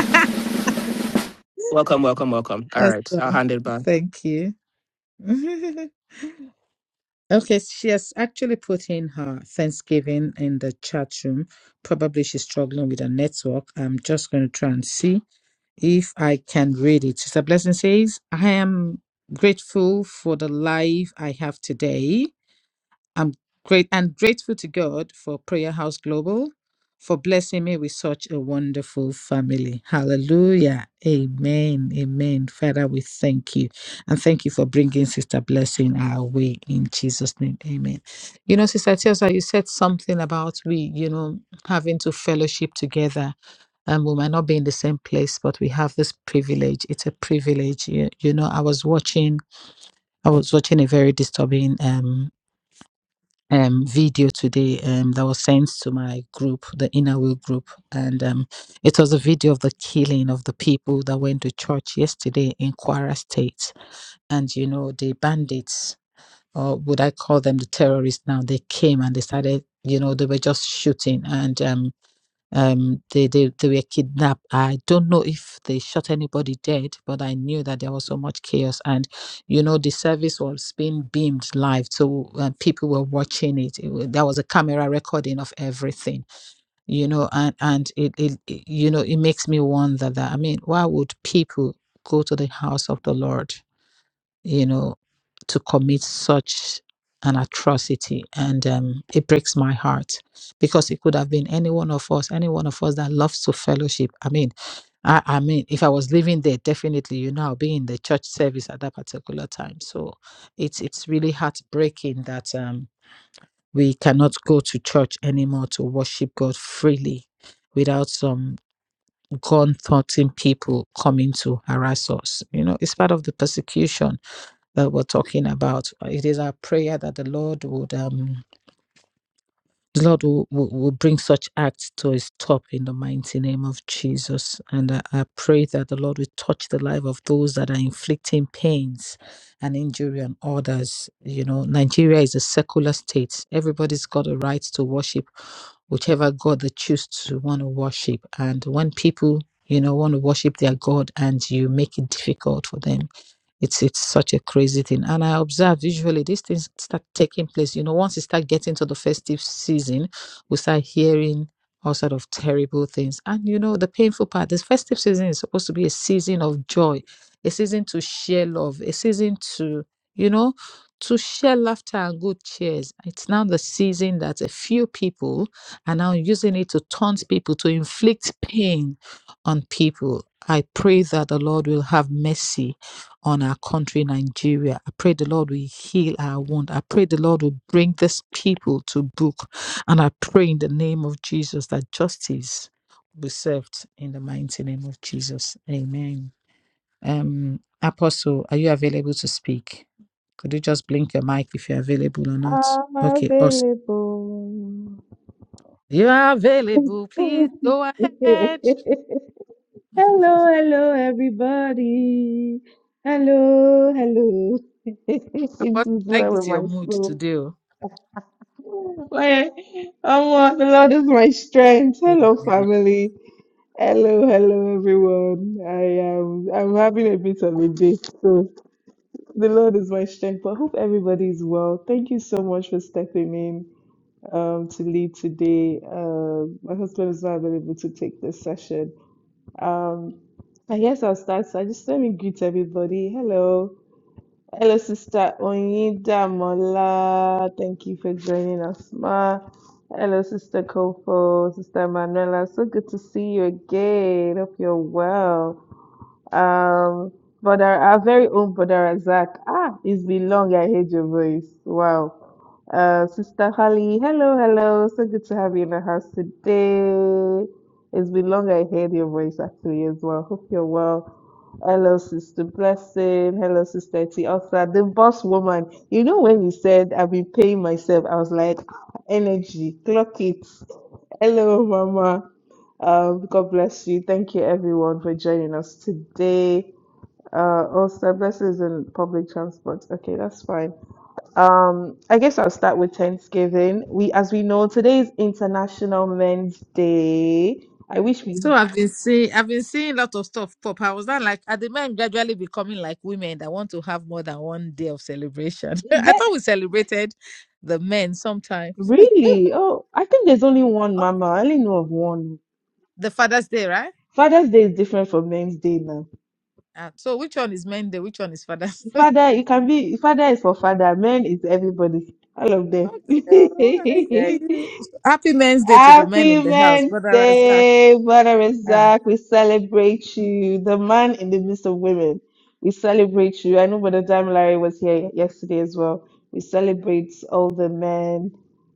welcome, welcome, welcome. All right, I'll Awesome. hand it back. Thank you. okay, she has actually put in her Thanksgiving in the chat room. Probably she's struggling with her network. I'm just going to try and see if I can read it. Sister Blessing says, I am grateful for the life I have today. I'm great and grateful to God for Prayer House Global for blessing me with such a wonderful family. Hallelujah. Amen. Amen. Father, we thank you. And thank you for bringing Sister Blessing our way in Jesus' name. Amen. You know, Sister Tiosa, you said something about we, you know, having to fellowship together. Um, we might not be in the same place, but we have this privilege. It's a privilege. You, you know, I was watching, I was watching a very disturbing um um, video today um, that was sent to my group, the Inner Will group, and um, it was a video of the killing of the people that went to church yesterday in Kwara State. And you know, the bandits, or would I call them the terrorists now? They came and they started. You know, they were just shooting, and um, um they, they they were kidnapped i don't know if they shot anybody dead but i knew that there was so much chaos and you know the service was being beamed live so uh, people were watching it. it wa- there was a camera recording of everything you know and and it, it it- you know it makes me wonder that i mean why would people go to the house of the lord you know, to commit such an atrocity. And um, it breaks my heart because it could have been any one of us, any one of us that loves to fellowship. I mean, I, I mean, if I was living there, definitely, you know, I'll be in the church service at that particular time. So it's it's really heartbreaking that um, we cannot go to church anymore to worship God freely without some gun-thoughting people coming to harass us. You know, it's part of the persecution that we're talking about. It is our prayer that the Lord would um the Lord will, will, will bring such acts to a stop in the mighty name of Jesus. And I, I pray that the Lord will touch the life of those that are inflicting pains and injury on others. You know, Nigeria is a secular state. Everybody's got a right to worship whichever God they choose to want to worship. And when people, you know, want to worship their God and you make it difficult for them it's it's such a crazy thing. And I observed usually these things start taking place. You know, once you start getting to the festive season, we start hearing all sort of terrible things. And you know, the painful part, this festive season is supposed to be a season of joy, a season to share love, a season to, you know, to share laughter and good cheers. It's now the season that a few people are now using it to taunt people, to inflict pain on people. I pray that the Lord will have mercy on our country, Nigeria. I pray the Lord will heal our wound. I pray the Lord will bring this people to book. And I pray in the name of Jesus that justice will be served in the mighty name of Jesus. Amen. Um, Apostle, are you available to speak? Could you just blink your mic if you're available or not? I'm Okay, awesome. available. You are available. hello, Please go ahead. hello, everybody. Hello, hello. this is Apostle, I like where with this your my mood soul. today. oh. Why- Oh, my- the Lord is my strength. Hello, Amen. family. Hello, hello, everyone. I am I'm having a bit of a day, so the Lord is my strength. But I hope everybody is well. Thank you so much for stepping in. um, to lead today. Um, my husband is not available to take this session. Um, I guess I'll start. So just let me greet everybody. Hello. Hello, Sister Onyeda Mola. Thank you for joining us, Ma. Hello, Sister Kofo, Sister Manuela. So good to see you again. Hope you're well. Um, but our, our very own brother Razak. Ah, it's been long. I heard your voice. Wow. Uh, Sister Holly, hello, hello. So good to have you in the house today. It's been long. I heard your voice actually as well. Hope you're well. Hello, Sister Blessing. Hello, Sister T. the boss woman. You know when you said I've been paying myself, I was like, "Ah, energy, clock it. Hello, Mama. Um, God bless you. Thank you, everyone, for joining us today. Uh, oh, Blessings in public transport. Okay, that's fine. Um, I guess I'll start with Thanksgiving. We, as we know, today is International Men's Day. I wish we. So I've been seeing I've been seeing a lot of stuff pop. I was not like are the men gradually becoming like women that want to have more than one day of celebration. Is I that thought we celebrated the men sometimes. really? Oh, I think there's only one, Okay. Mama. I only know of one. The Father's Day, right? Father's Day is different from Men's Day now. Uh, so which one is Men's day? Which one is Father's Day? Father, it can be. Father is for father. Men is everybody. All of them. okay, oh, I hear you. Happy Men's Day to the men Happy in the house, Men's Brother Razak. Day, Brother Ah. Isaac. We celebrate you, the man in the midst of women. We celebrate you. I know Brother Dam Larry was here yesterday as well. We celebrate all the men,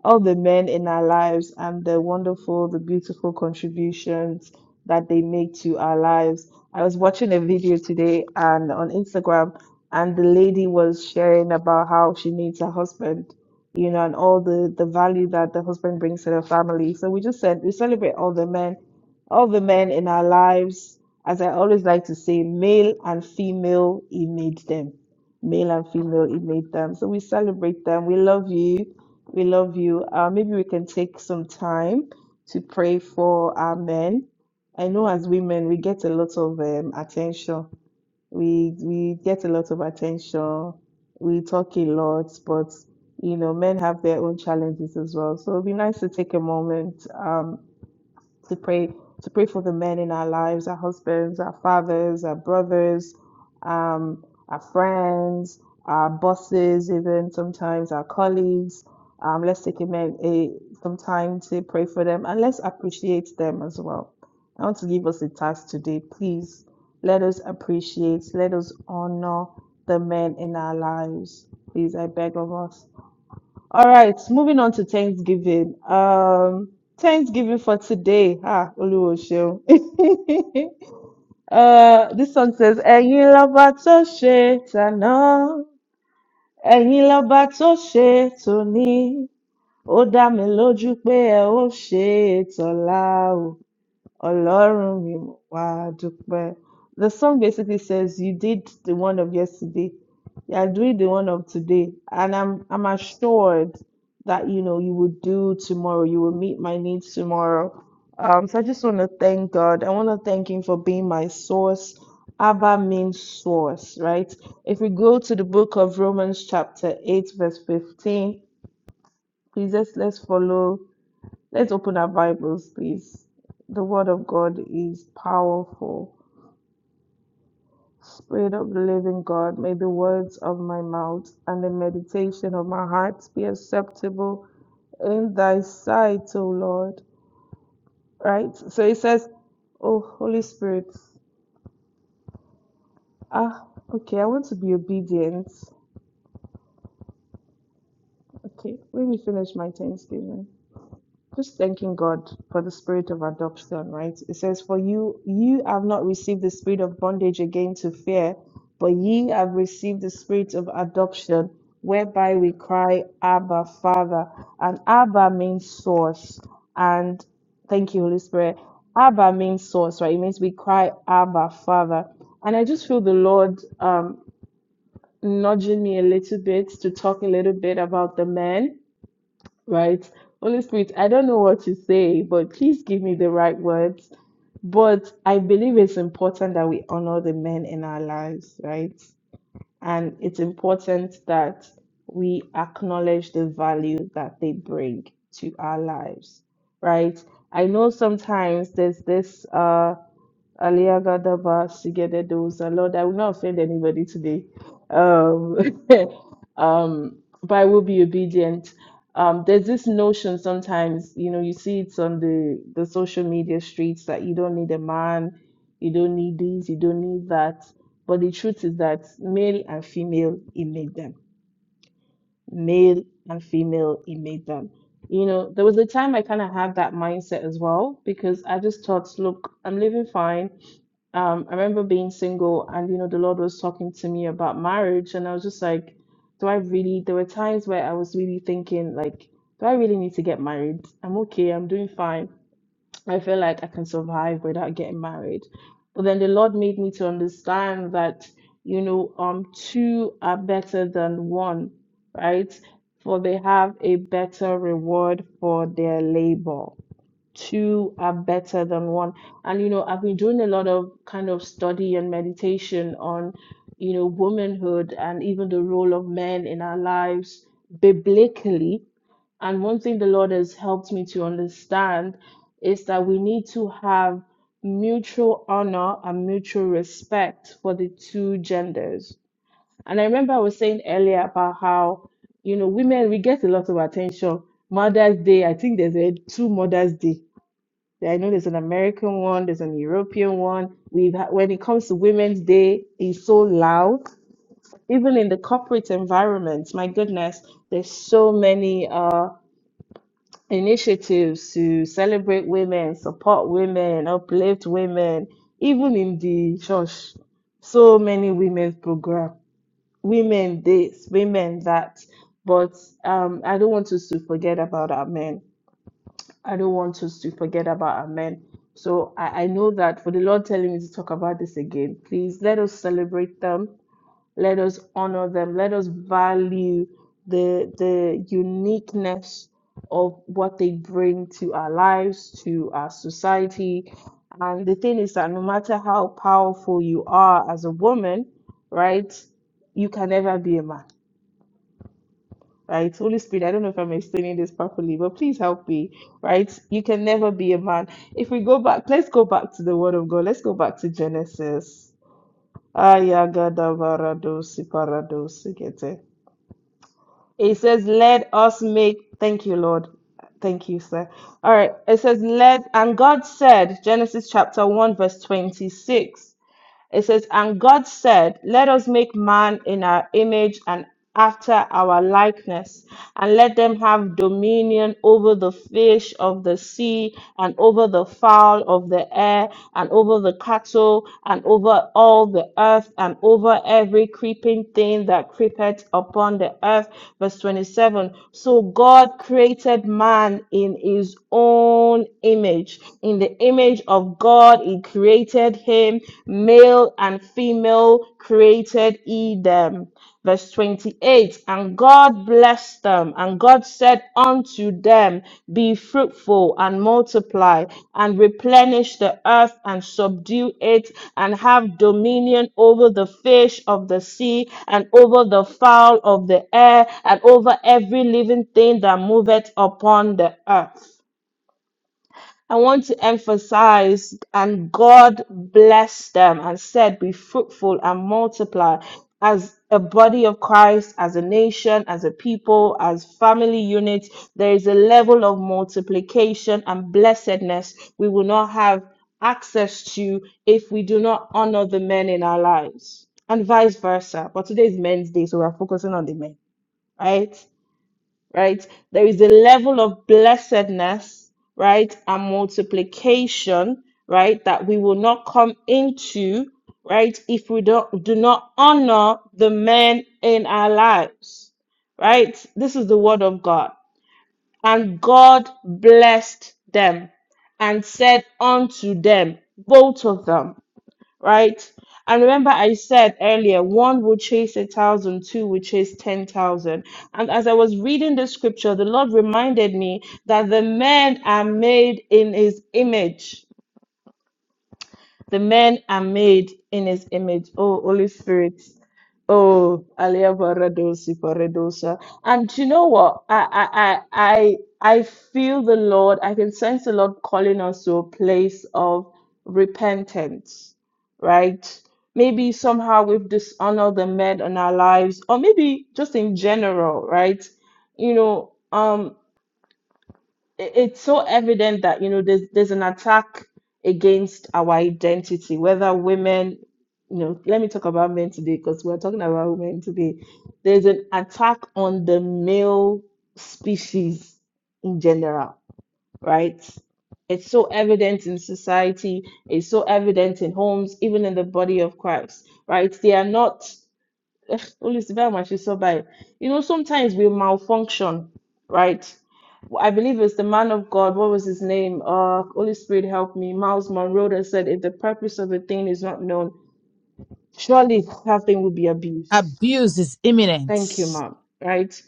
all the men in our lives and the wonderful, the beautiful contributions that they make to our lives. I was watching a video today and on Instagram, and the lady was sharing about how she needs a husband you know, and all the the value that the husband brings to the family. So we just said we celebrate all the men, all the men in our lives. As I always like to say, male and female, he made them. Male and female, he made them. So we celebrate them. We love you. We love you. Uh, maybe we can take some time to pray for our men. I know as women, we get a lot of um, attention we we get a lot of attention we talk a lot but you know men have their own challenges as well so it'd be nice to take a moment Um, to pray to pray for the men in our lives, our husbands, our fathers, our brothers, um, our friends, our bosses, even sometimes our colleagues. Um, let's take a, a some time to pray for them and let's appreciate them as well. I want to give us a task today, please. Let us appreciate, let us honor the men in our lives. Please, I beg of us. All right, moving on to Thanksgiving. Um, Thanksgiving for today. Ah, Olúwo ṣeun. uh, this song says, "Ẹ̀yin lọ́ba tó ṣe tàná, ẹ̀yin lọ́ba tó ṣe tòní, ó dá mi lójú pé ẹ ó ṣe é tọ̀la o." Ọlọ́run mi mo wá dúpẹ́. The song basically says you did the one of yesterday, you are doing the one of today, and I'm I'm assured that you know you will do tomorrow. You will meet my needs tomorrow. Um, so I just want to thank God. I want to thank Him for being my source. Abba means source, right? If we go to the book of Romans chapter eight verse fifteen, please let's let's follow. Let's open our Bibles, please. The Word of God is powerful. Spirit of the living God, may the words of my mouth and the meditation of my heart be acceptable in thy sight, O Lord. Right? So it says, Oh, Holy Spirit. Ah, okay, I want to be obedient. Okay, let me finish my Thanksgiving. just thanking God for the spirit of adoption, right? It says, For you, you have not received the spirit of bondage again to fear, but ye have received the spirit of adoption, whereby we cry, Abba, Father. And Abba means source. And thank you, Holy Spirit. Abba means source, right? It means we cry, Abba, Father. And I just feel the Lord um, nudging me a little bit to talk a little bit about the man right? Holy Spirit, I don't know what to say, but please give me the right words. But I believe it's important that we honor the men in our lives, right? And it's important that we acknowledge the value that they bring to our lives, right? I know sometimes there's this uh Aliagadaba Sigededosa. Lord, I will not offend anybody today. Um, um, but I will be obedient. Um, there's this notion sometimes, you know, you see it's on the, the social media streets that you don't need a man, you don't need this, you don't need that. But the truth is that male and female, it made them. Male and female, it made them. You know, there was a time I kind of had that mindset as well because I just thought, look, I'm living fine. Um, I remember being single and, you know, the Lord was talking to me about marriage. And I was just like, do I really? There were times where I was really thinking, like, do I really need to get married? I'm okay. I'm doing fine I feel like I can survive without getting married. But then the Lord made me to understand that, you know, um, two are better than one, right? For they have a better reward for their labor two are better than one. And you know, I've been doing a lot of kind of study and meditation on, you know, womanhood and even the role of men in our lives biblically. And one thing the Lord has helped me to understand is that we need to have mutual honor and mutual respect for the two genders. And I remember I was saying earlier about how, you know, women, we get a lot of attention. Mother's Day, I think there's a two Mother's Day I know there's an American one, there's an European one. We've had, when it comes to Women's Day, it's so loud. Even in the corporate environment, my goodness, there's so many uh, initiatives to celebrate women, support women, uplift women, even in the church. So many women's program, women this, women that. But um, I don't want us to forget about our men I don't want us to forget about Amen. So I, I know that for the Lord telling me to talk about this again, please let us celebrate them. Let us honor them. Let us value the the uniqueness of what they bring to our lives, to our society. And the thing is that no matter how powerful you are as a woman, right, you can never be a man right? Holy Spirit, I don't know if I'm explaining this properly, but please help me, right? You can never be a man. If we go back, let's go back to the Word of God. Let's go back to Genesis. Ayagadabaradosiparadosikete. It says, Let us make, thank you, Lord. Thank you, sir. All right. It says, Let, and God said, Genesis chapter 1, verse 26. It says, And God said, Let us make man in our image and after our likeness, and let them have dominion over the fish of the sea, and over the fowl of the air, and over the cattle, and over all the earth, and over every creeping thing that creepeth upon the earth. Verse 27 So God created man in his own image. In the image image of God, He created him, male and female created He them. Verse 28 And God blessed them, and God said unto them, Be fruitful and multiply, and replenish the earth and subdue it, and have dominion over the fish of the sea, and over the fowl of the air, and over every living thing that moveth upon the earth. I want to emphasize, and God blessed them and said, Be fruitful and multiply as a body of Christ, as a nation, as a people, as family units. There is a level of multiplication and blessedness we will not have access to if we do not honor the men in our lives, and vice versa. But today is men's day, so we're focusing on the men, right? right? There is a level of blessedness, right, and multiplication, right, that we will not come into, right, if we don't do not honor the men in our lives, right? This is the word of God. And God blessed them and said unto them, both of them right? And remember, I said earlier, one will chase a thousand, two will chase ten thousand. And as I was reading the scripture, the Lord reminded me that the men are made in His image the men are made in his image. Oh, Holy Spirit. Oh, Alia Varadosi Paradosa. And you know what? I I I I I feel the Lord, I can sense the Lord calling us to a place of repentance, right? Maybe somehow we've dishonored the men in our lives, or maybe just in general, right? You know, um, it- it's so evident that you know there's there's an attack against our identity whether women you know let me talk about men today because we're talking about women today there's an attack on the male species in general right it's so evident in society it's so evident in homes even in the body of christ right they are not Holy Spirit, I must so by you know sometimes we malfunction right I believe it was the man of God. What was his name? Uh, Holy Spirit, help me. Miles Monroe that said, if the purpose of a thing is not known, surely that thing will be abused. Abuse is imminent. Thank you, ma'am. Right?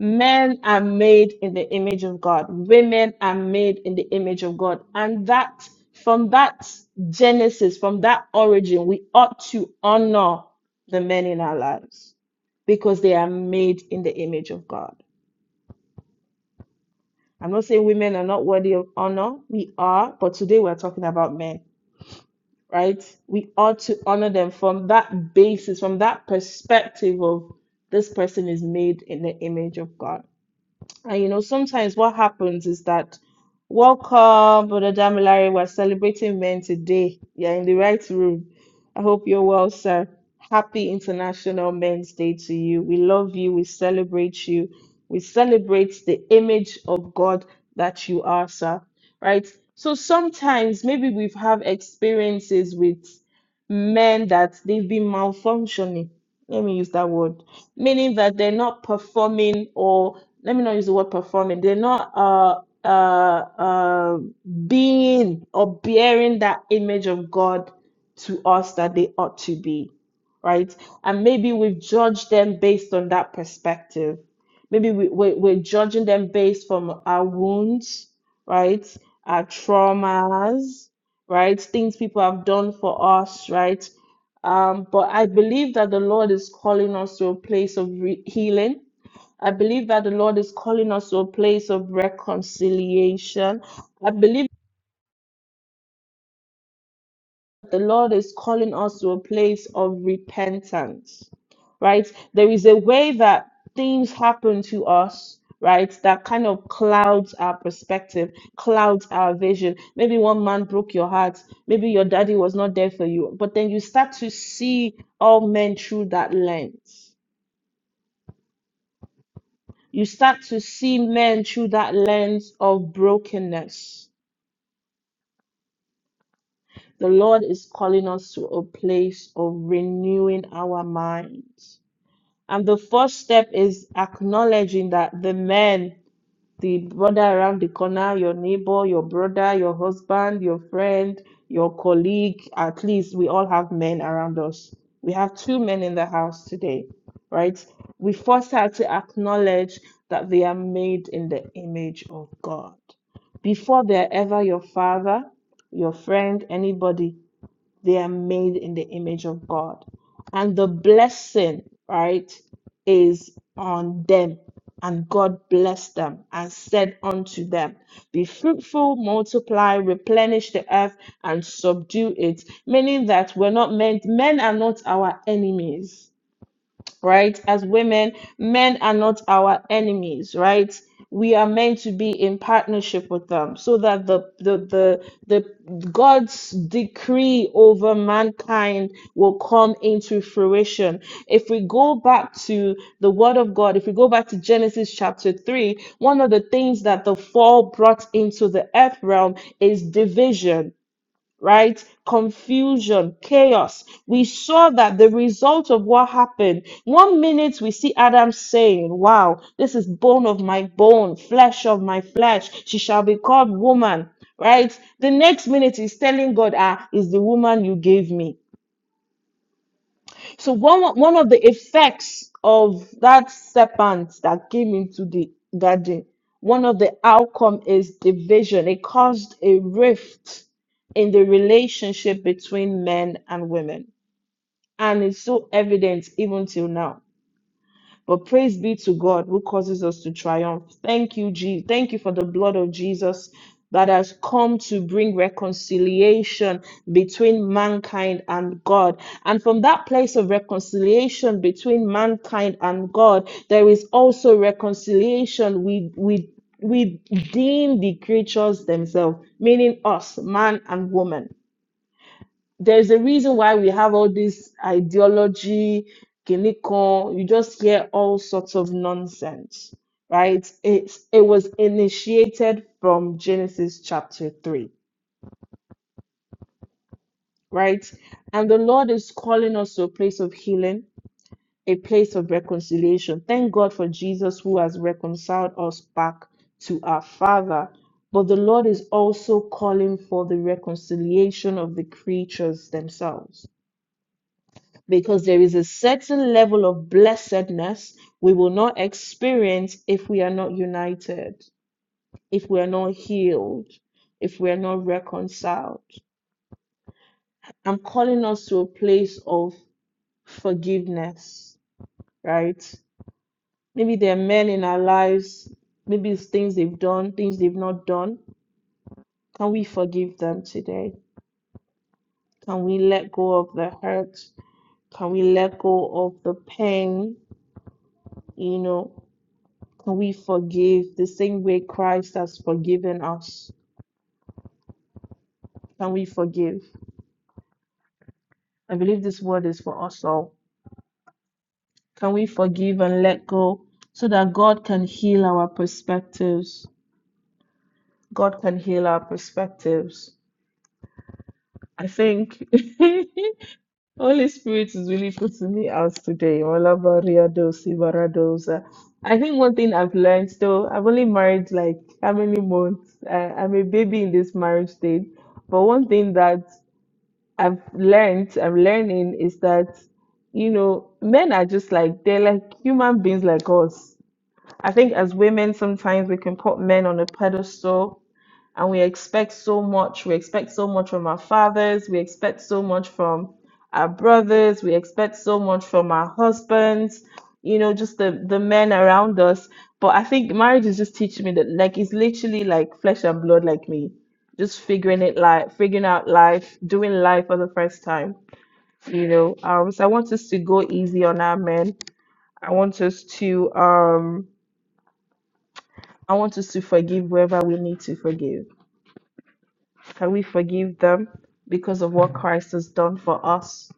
Men are made in the image of God. Women are made in the image of God. And that, from that genesis, from that origin, we ought to honor the men in our lives because they are made in the image of God. I'm not saying women are not worthy of honor. We are, but today we're talking about men, right? We ought to honor them from that basis, from that perspective of this person is made in the image of God. And you know, sometimes what happens is that, welcome, Brother Damilare, we're celebrating men today. You're in the right room. I hope you're well, sir. Happy International Men's Day to you. We love you. We celebrate you. We celebrate the image of God that you are, sir. Right? So sometimes maybe we've had experiences with men that they've been malfunctioning. Let me use that word, meaning that they're not performing, or let me not use the word performing. They're not uh uh uh being or bearing that image of God to us that they ought to be, right? And maybe we've judged them based on that perspective. Maybe we, we we're judging them based from our wounds, right? Our traumas, right? Things people have done for us, right? Um, but I believe that the Lord is calling us to a place of re- healing. I believe that the Lord is calling us to a place of reconciliation. I believe the Lord is calling us to a place of repentance, right? There is a way that things happen to us, right? That kind of clouds our perspective, clouds our vision. Maybe one man broke your heart, maybe your daddy was not there for you, but then you start to see all men through that lens. You start to see men through that lens of brokenness. The Lord is calling us to a place of renewing our minds And the first step is acknowledging that the man, the brother around the corner, your neighbor, your brother, your husband, your friend, your colleague, at least we all have men around us. We have two men in the house today, right? We first have to acknowledge that they are made in the image of God. Before they're ever your father, your friend, anybody, they are made in the image of God. And the blessing, right, is on them. And God blessed them and said unto them, Be fruitful, multiply, replenish the earth, and subdue it. Meaning that we're not meant, men are not our enemies right? As women, men are not our enemies, right? We are meant to be in partnership with them so that the the the, the God's decree over mankind will come into fruition. If we go back to the word of God, if we go back to Genesis chapter 3, one of the things that the fall brought into the earth realm is division right? Confusion, chaos. We saw that the result of what happened. One minute we see Adam saying, Wow, this is bone of my bone, flesh of my flesh. She shall be called woman, right? The next minute he's telling God, Ah, is the woman you gave me. So one one of the effects of that serpent that came into the garden, one of the outcome is division. It caused a rift in the relationship between men and women, and it's so evident even till now. But praise be to God who causes us to triumph. Thank you, Jesus. Thank you for the blood of Jesus that has come to bring reconciliation between mankind and God. And from that place of reconciliation between mankind and God, there is also reconciliation with, with within the creatures themselves, meaning us, man and woman there's a reason why we have all this ideology, kinikon, you just hear all sorts of nonsense, right? It it was initiated from Genesis chapter 3, right? And the Lord is calling us to a place of healing, a place of reconciliation. Thank God for Jesus who has reconciled us back to our Father. But the Lord is also calling for the reconciliation of the creatures themselves because there is a certain level of blessedness we will not experience if we are not united, if we are not healed, if we are not reconciled. I'm calling us to a place of forgiveness, right? Maybe there are men in our lives, maybe it's things they've done, things they've not done. Can we forgive them today? Can we let go of the hurt? Can we let go of the pain? You know, Can we forgive the same way Christ has forgiven us? Can we forgive? I believe this word is for us all. Can we forgive and let go so that God can heal our perspectives? God can heal our perspectives. I think Holy Spirit is really putting me out today. Olabariadosi baradosa. I think one thing I've learned though, I've only married like how many months? I, I'm a baby in this marriage stage. But one thing that I've learned, I'm learning is that, you know, men are just like, they're like human beings like us. I think as women, sometimes we can put men on a pedestal and we expect so much. We expect so much from our fathers. We expect so much from our brothers. We expect so much from our husbands, you know, just the, the men around us. But I think marriage is just teaching me that, like, it's literally like flesh and blood, like me, just figuring it like figuring out life, doing life for the first time, you know. Um, so I want us to go easy on our men. I want us to, um, I want us to forgive whoever we need to forgive. Can we forgive them because of what Christ has done for us?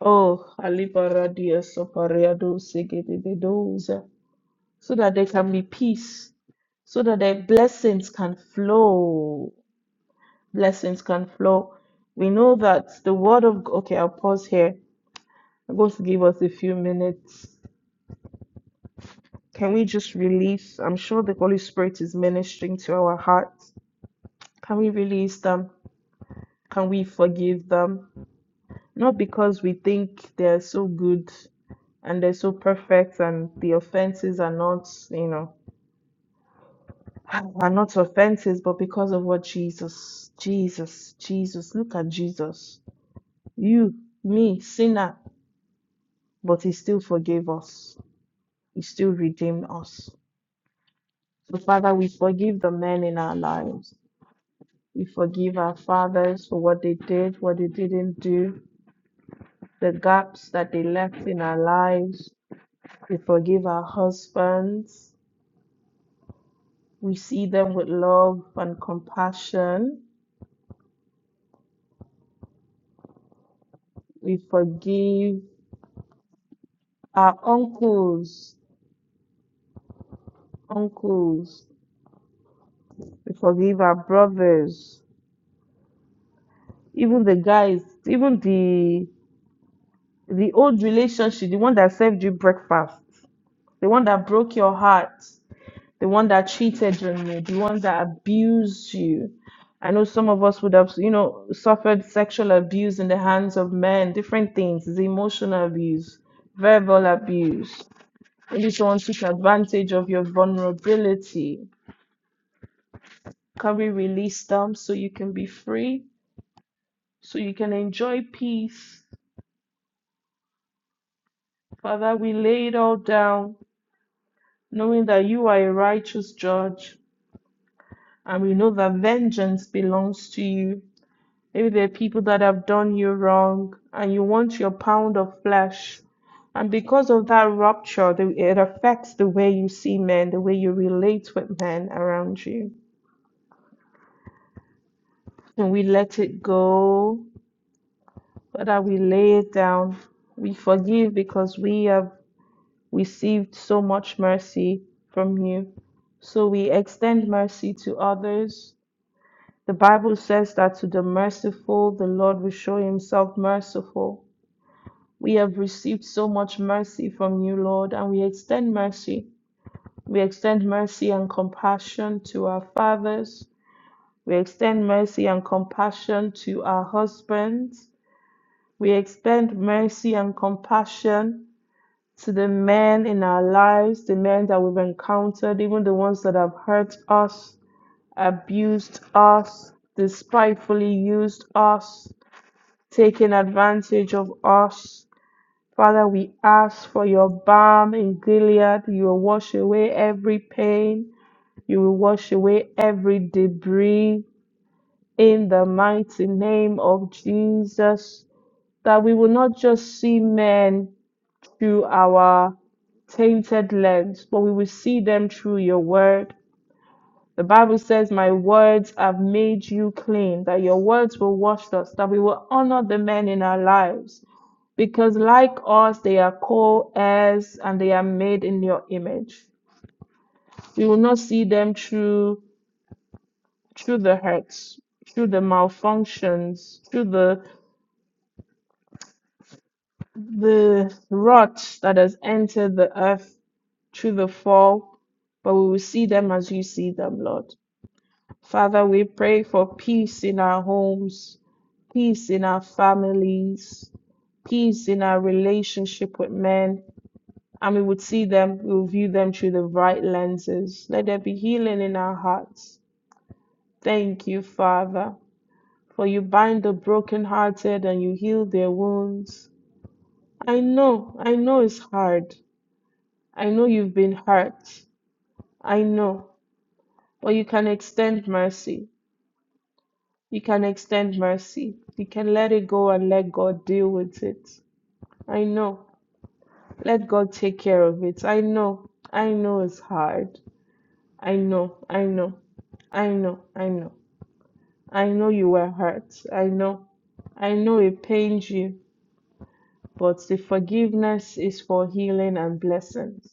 Oh, alibaradia sopariado segedebedoza. so that there can be peace, so that their blessings can flow. Blessings can flow. We know that the word of G- okay, I'll pause here. I'm going to give us a few minutes. Can we just release? I'm sure the Holy Spirit is ministering to our hearts. Can we release them? Can we forgive them? Not because we think they're so good and they're so perfect and the offenses are not, you know, are not offenses, but because of what Jesus, Jesus, Jesus, look at Jesus. You, me, sinner, but he still forgave us. He still redeemed us. So Father, we forgive the men in our lives. We forgive our fathers for what they did, what they didn't do, the gaps that they left in our lives. We forgive our husbands. We see them with love and compassion. We forgive our uncles, uncles. We forgive our brothers, even the guys, even the the old relationship, the one that served you breakfast, the one that broke your heart. the one that cheated on you, the one that abused you. I know some of us would have, you know, suffered sexual abuse in the hands of men, different things, It's emotional abuse, verbal abuse. Maybe someone took advantage of your vulnerability. Can we release them so you can be free, so you can enjoy peace? Father, we lay it all down, knowing that you are a righteous judge, and we know that vengeance belongs to you. Maybe there are people that have done you wrong and you want your pound of flesh. And because of that rupture, the- it affects the way you see men, the way you relate with men around you. And we let it go, Father, we lay it down. We forgive because we have received so much mercy from you. So we extend mercy to others. The Bible says that to the merciful, the Lord will show himself merciful. We have received so much mercy from you, Lord, and we extend mercy. We extend mercy and compassion to our fathers. We extend mercy and compassion to our husbands. We extend mercy and compassion to the men in our lives, the men that we've encountered, even the ones that have hurt us, abused us, despitefully used us, taken advantage of us. Father, we ask for your balm in Gilead. You will wash away every pain. You will wash away every debris in the mighty name of Jesus. That we will not just see men through our tainted lens, but we will see them through your word. The Bible says, My words have made you clean, that your words will wash us, that we will honor the men in our lives. Because like us, they are co heirs and they are made in your image. We will not see them through through the hurts, through the malfunctions, through the the rot that has entered the earth through the fall, but we will see them as you see them, Lord. Father, we pray for peace in our homes, peace in our families, peace in our relationship with men. And we would see them, we will view them through the right lenses. Let there be healing in our hearts. Thank you, Father, for you bind the brokenhearted and you heal their wounds. I know, I know it's hard. I know you've been hurt. I know, but you can extend mercy. You can extend mercy. You can let it go and let God deal with it. I know. Let God take care of it. I know. I know it's hard. I know. I know. I know. I know. I know you were hurt. I know. I know it pains you, but the forgiveness is for healing and blessings.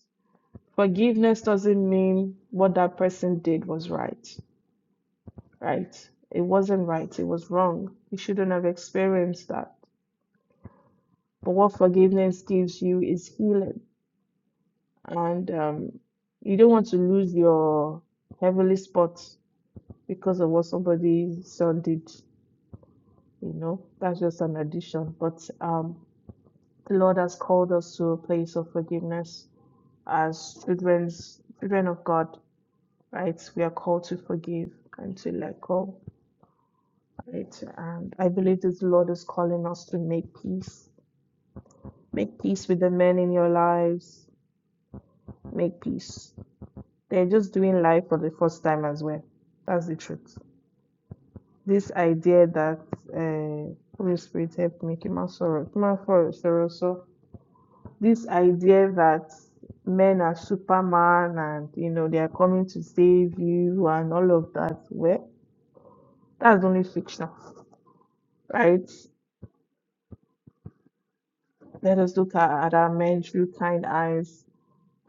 Forgiveness doesn't mean what that person did was right, right? It wasn't right. It was wrong. You shouldn't have experienced that. But what forgiveness gives you is healing. And um, you don't want to lose your heavenly spot because of what somebody's son did. You know, that's just an addition. But um, the Lord has called us to a place of forgiveness as children, children of God, right? We are called to forgive and to let go, right? And I believe that the Lord is calling us to make peace. Make peace with the men in your lives. Make peace they're just doing life for the first time as well. That's the truth. This idea that uh, Holy Spirit helped me, Kiman Soro, Kiman Soro, Soro, so this idea that men are Superman and you know they are coming to save you and all of that, well, that's only fiction, right? Let us look at, at our men through kind eyes,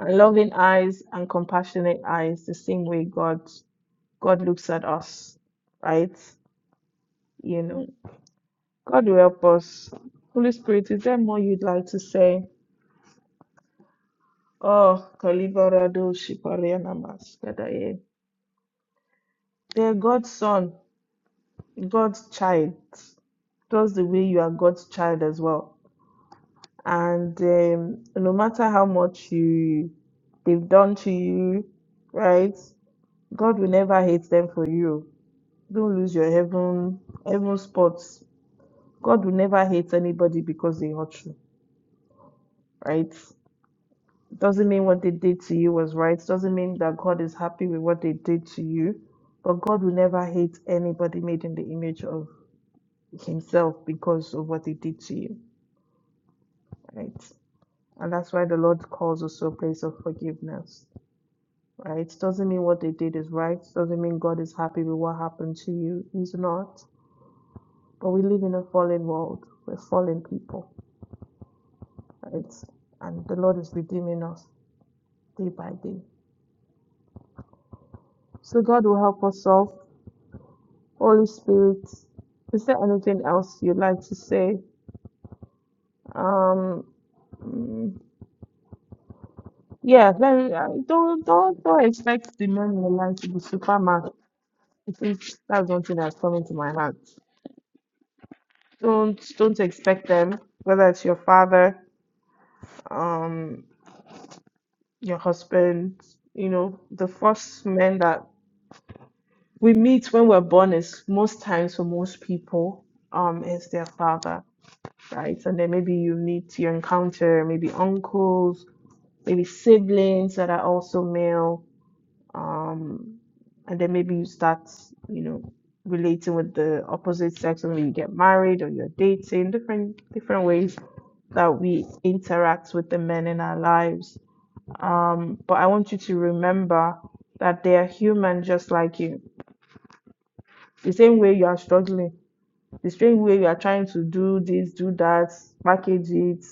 and loving eyes, and compassionate eyes, the same way God God looks at us, right? You know. God will help us. Holy Spirit, is there more you'd like to say? Oh, Kalibarado Shipariana Maskadaye. They're God's son, God's child. Just the way you are God's child as well. And um, no matter how much you they've done to you, right? God will never hate them for you. Don't lose your heaven heaven spots. God will never hate anybody because they hurt you, right? Doesn't mean what they did to you was right. Doesn't mean that God is happy with what they did to you. But God will never hate anybody made in the image of Himself because of what they did to you, right? And that's why the Lord calls us to a place of forgiveness, right? Doesn't mean what they did is right. Doesn't mean God is happy with what happened to you. He's not. But we live in a fallen world. We're fallen people, right? And the Lord is redeeming us day by day. So God will help us solve. Holy Spirit, is there anything else you'd like to say? Um, mm, yeah, let me, uh, don't don't don't expect the men in your life to be Superman. I think that's one thing that's coming to my heart. Don't don't expect them, whether it's your father, um, your husband. You know, the first men that we meet when we're born is most times for most people, um, is their father, right? And then maybe you meet your encounter, maybe uncles maybe siblings that are also male, um, and then maybe you start, you know, relating with the opposite sex, and maybe you get married or you're dating, different different ways that we interact with the men in our lives. Um, but I want you to remember that they are human just like you. The same way you are struggling, the same way you are trying to do this, do that, package it,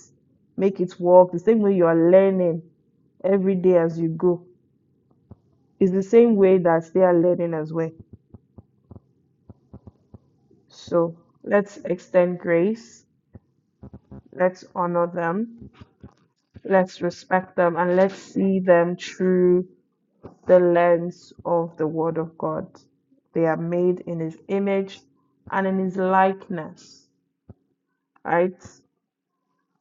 make it work, the same way you are learning every day as you go It's the same way that they are learning as well. So let's extend grace, let's honor them, let's respect them, and let's see them through the lens of the Word of God. They are made in His image and in His likeness, right?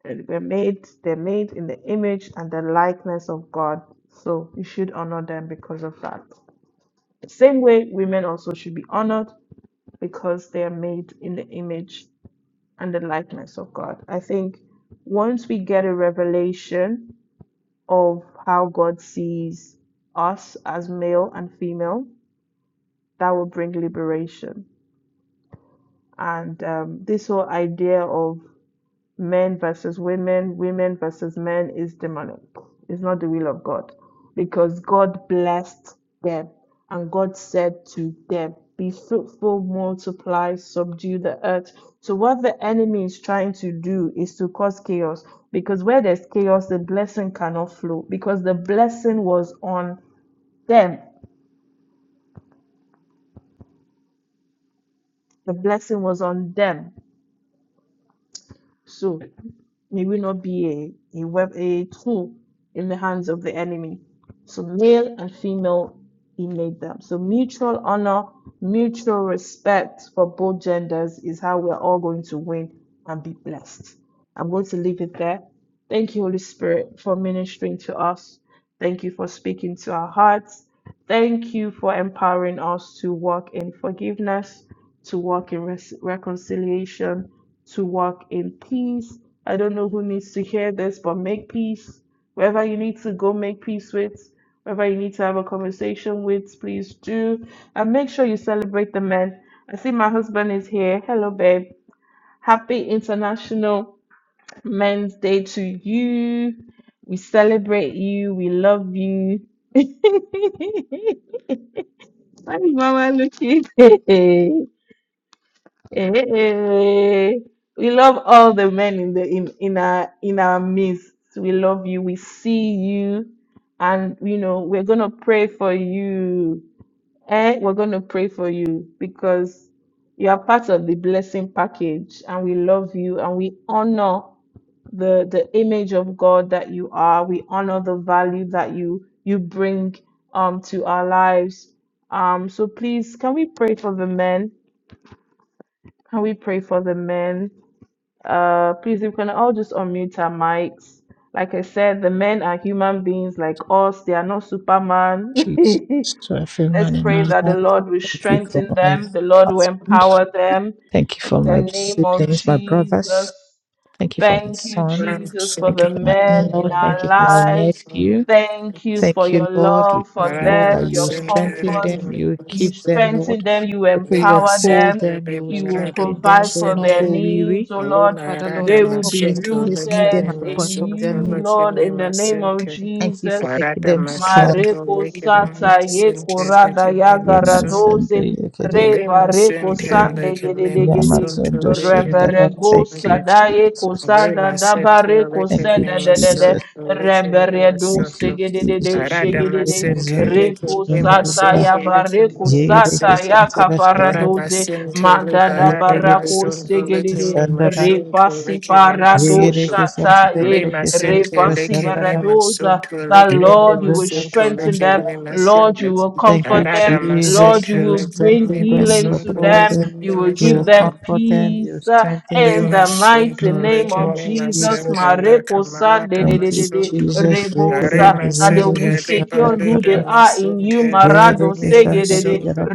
And We're made, they're made in the image and the likeness of God. So you should honor them because of that. The same way, women also should be honored because they are made in the image and the likeness of God. I think once we get a revelation of how God sees us as male and female, that will bring liberation. And um, this whole idea of men versus women, women versus men is demonic. It's not the will of God. Because God blessed them and God said to them, Be fruitful, multiply, subdue the earth. So, what the enemy is trying to do is to cause chaos. Because where there's chaos, the blessing cannot flow. Because the blessing was on them. The blessing was on them. So, May we not be a, a, web, a tool in the hands of the enemy. So, male and female, he made them. So, mutual honor, mutual respect for both genders is how we're all going to win and be blessed. I'm going to leave it there. Thank you, Holy Spirit, for ministering to us. Thank you for speaking to our hearts. Thank you for empowering us to walk in forgiveness, to walk in res- reconciliation, to walk in peace. I don't know who needs to hear this, but make peace. Wherever you need to go, make peace with. Wherever you need to have a conversation with, please do. And make sure you celebrate the men. I see my husband is here. Hello, babe. Happy International Men's Day to you. We celebrate you. We love you. Hi, Mama Lucy. We love all the men in the in, in our in our midst. We love you. We see you, and you know we're gonna pray for you. Eh, we're gonna pray for you because you are part of the blessing package, and we love you and we honor the the image of God that you are. We honor the value that you you bring um to our lives. Um, so please, can we pray for the men? Can we pray for the men? Uh, please, if we can all just unmute our mics. Like I said, the men are human beings like us. They are not Superman. Jesus, to everyone Let's in our pray that the lives. Lord will Thank you for strengthen my them. The Lord will husband. empower them. Thank you In for the my name of siblings, my brothers. Jesus, Thank you for my Thank you, son. Jesus, for Thank you the for my in men law. in Thank our you for my lives. nephew. Thank you for Thank you, your Lord. We love ask, for Lord, that them, you your strengthen comfort. them, you You keep them, strengthen Lord. them, you If you empower uphold them, them, you you will strengthen them. provide Do for not their go needs, weary. oh Lord. Father, Olumara Lord, They you will be always, damascento always meet them lekeme rooted at the point in of mascento their you, needs. Lord, lekeme in the name of mascento. Thank you for Jesus. making Arata them strong. mascento Mareko Thank lekeme you. sata ye mascento Jesus. korada lekeme yaga mascento. Yemazanda radoze yekede, reba Lema reko sente yekede. sande lekeme gede mascento Yamazanda lekeme Rebere shindaba. go Thank you, mascento. sadaye ko Jesus. sada Lema sente dabare kusa Thank you, lekeme da da da da. Jesus. mascento lekeme rebere do Thank you, mascento. segede de de Jesus. Arata shegede de mascento Yemazanda repo lekeme sata shindaba. ya mascento bare ko lekeme Yegedeke mascento. ya Santaba kapara Ora Shandaba, masin tele Mandana barada barako Yegedeke masun tole Santaba keme segedede Shandaba, masun tole repasi keme parado masun tole Yegedeke Santaba le shataye Yegedeke masin Santaba tele repasi keme Shandaba, masun baradoza. tole That keme Lord, you will masun Yemezundaba tole strengthen them. Shandaba. keme masun Lord, tole you will Thank you, comfort barada them. masin Lord, Jesus. you You will will tele bring strengthen keme them, you healing will masun to tole uphold them. them, keme You will you will give masun them tole comfort them, you will peace uh, strengthen le in them the masun mighty in the tole name name of of keme Jesus. masun Jesus. tole Mareko kamala san de da de Thank de you, de de masun tole Jesus. are Yegedeke rebosa. That they masin will Santaba be secure tele secure who barada they Shandaba, are in masun you. tole Marado Yegedeke keme Santaba masun segedede tole Yegedeke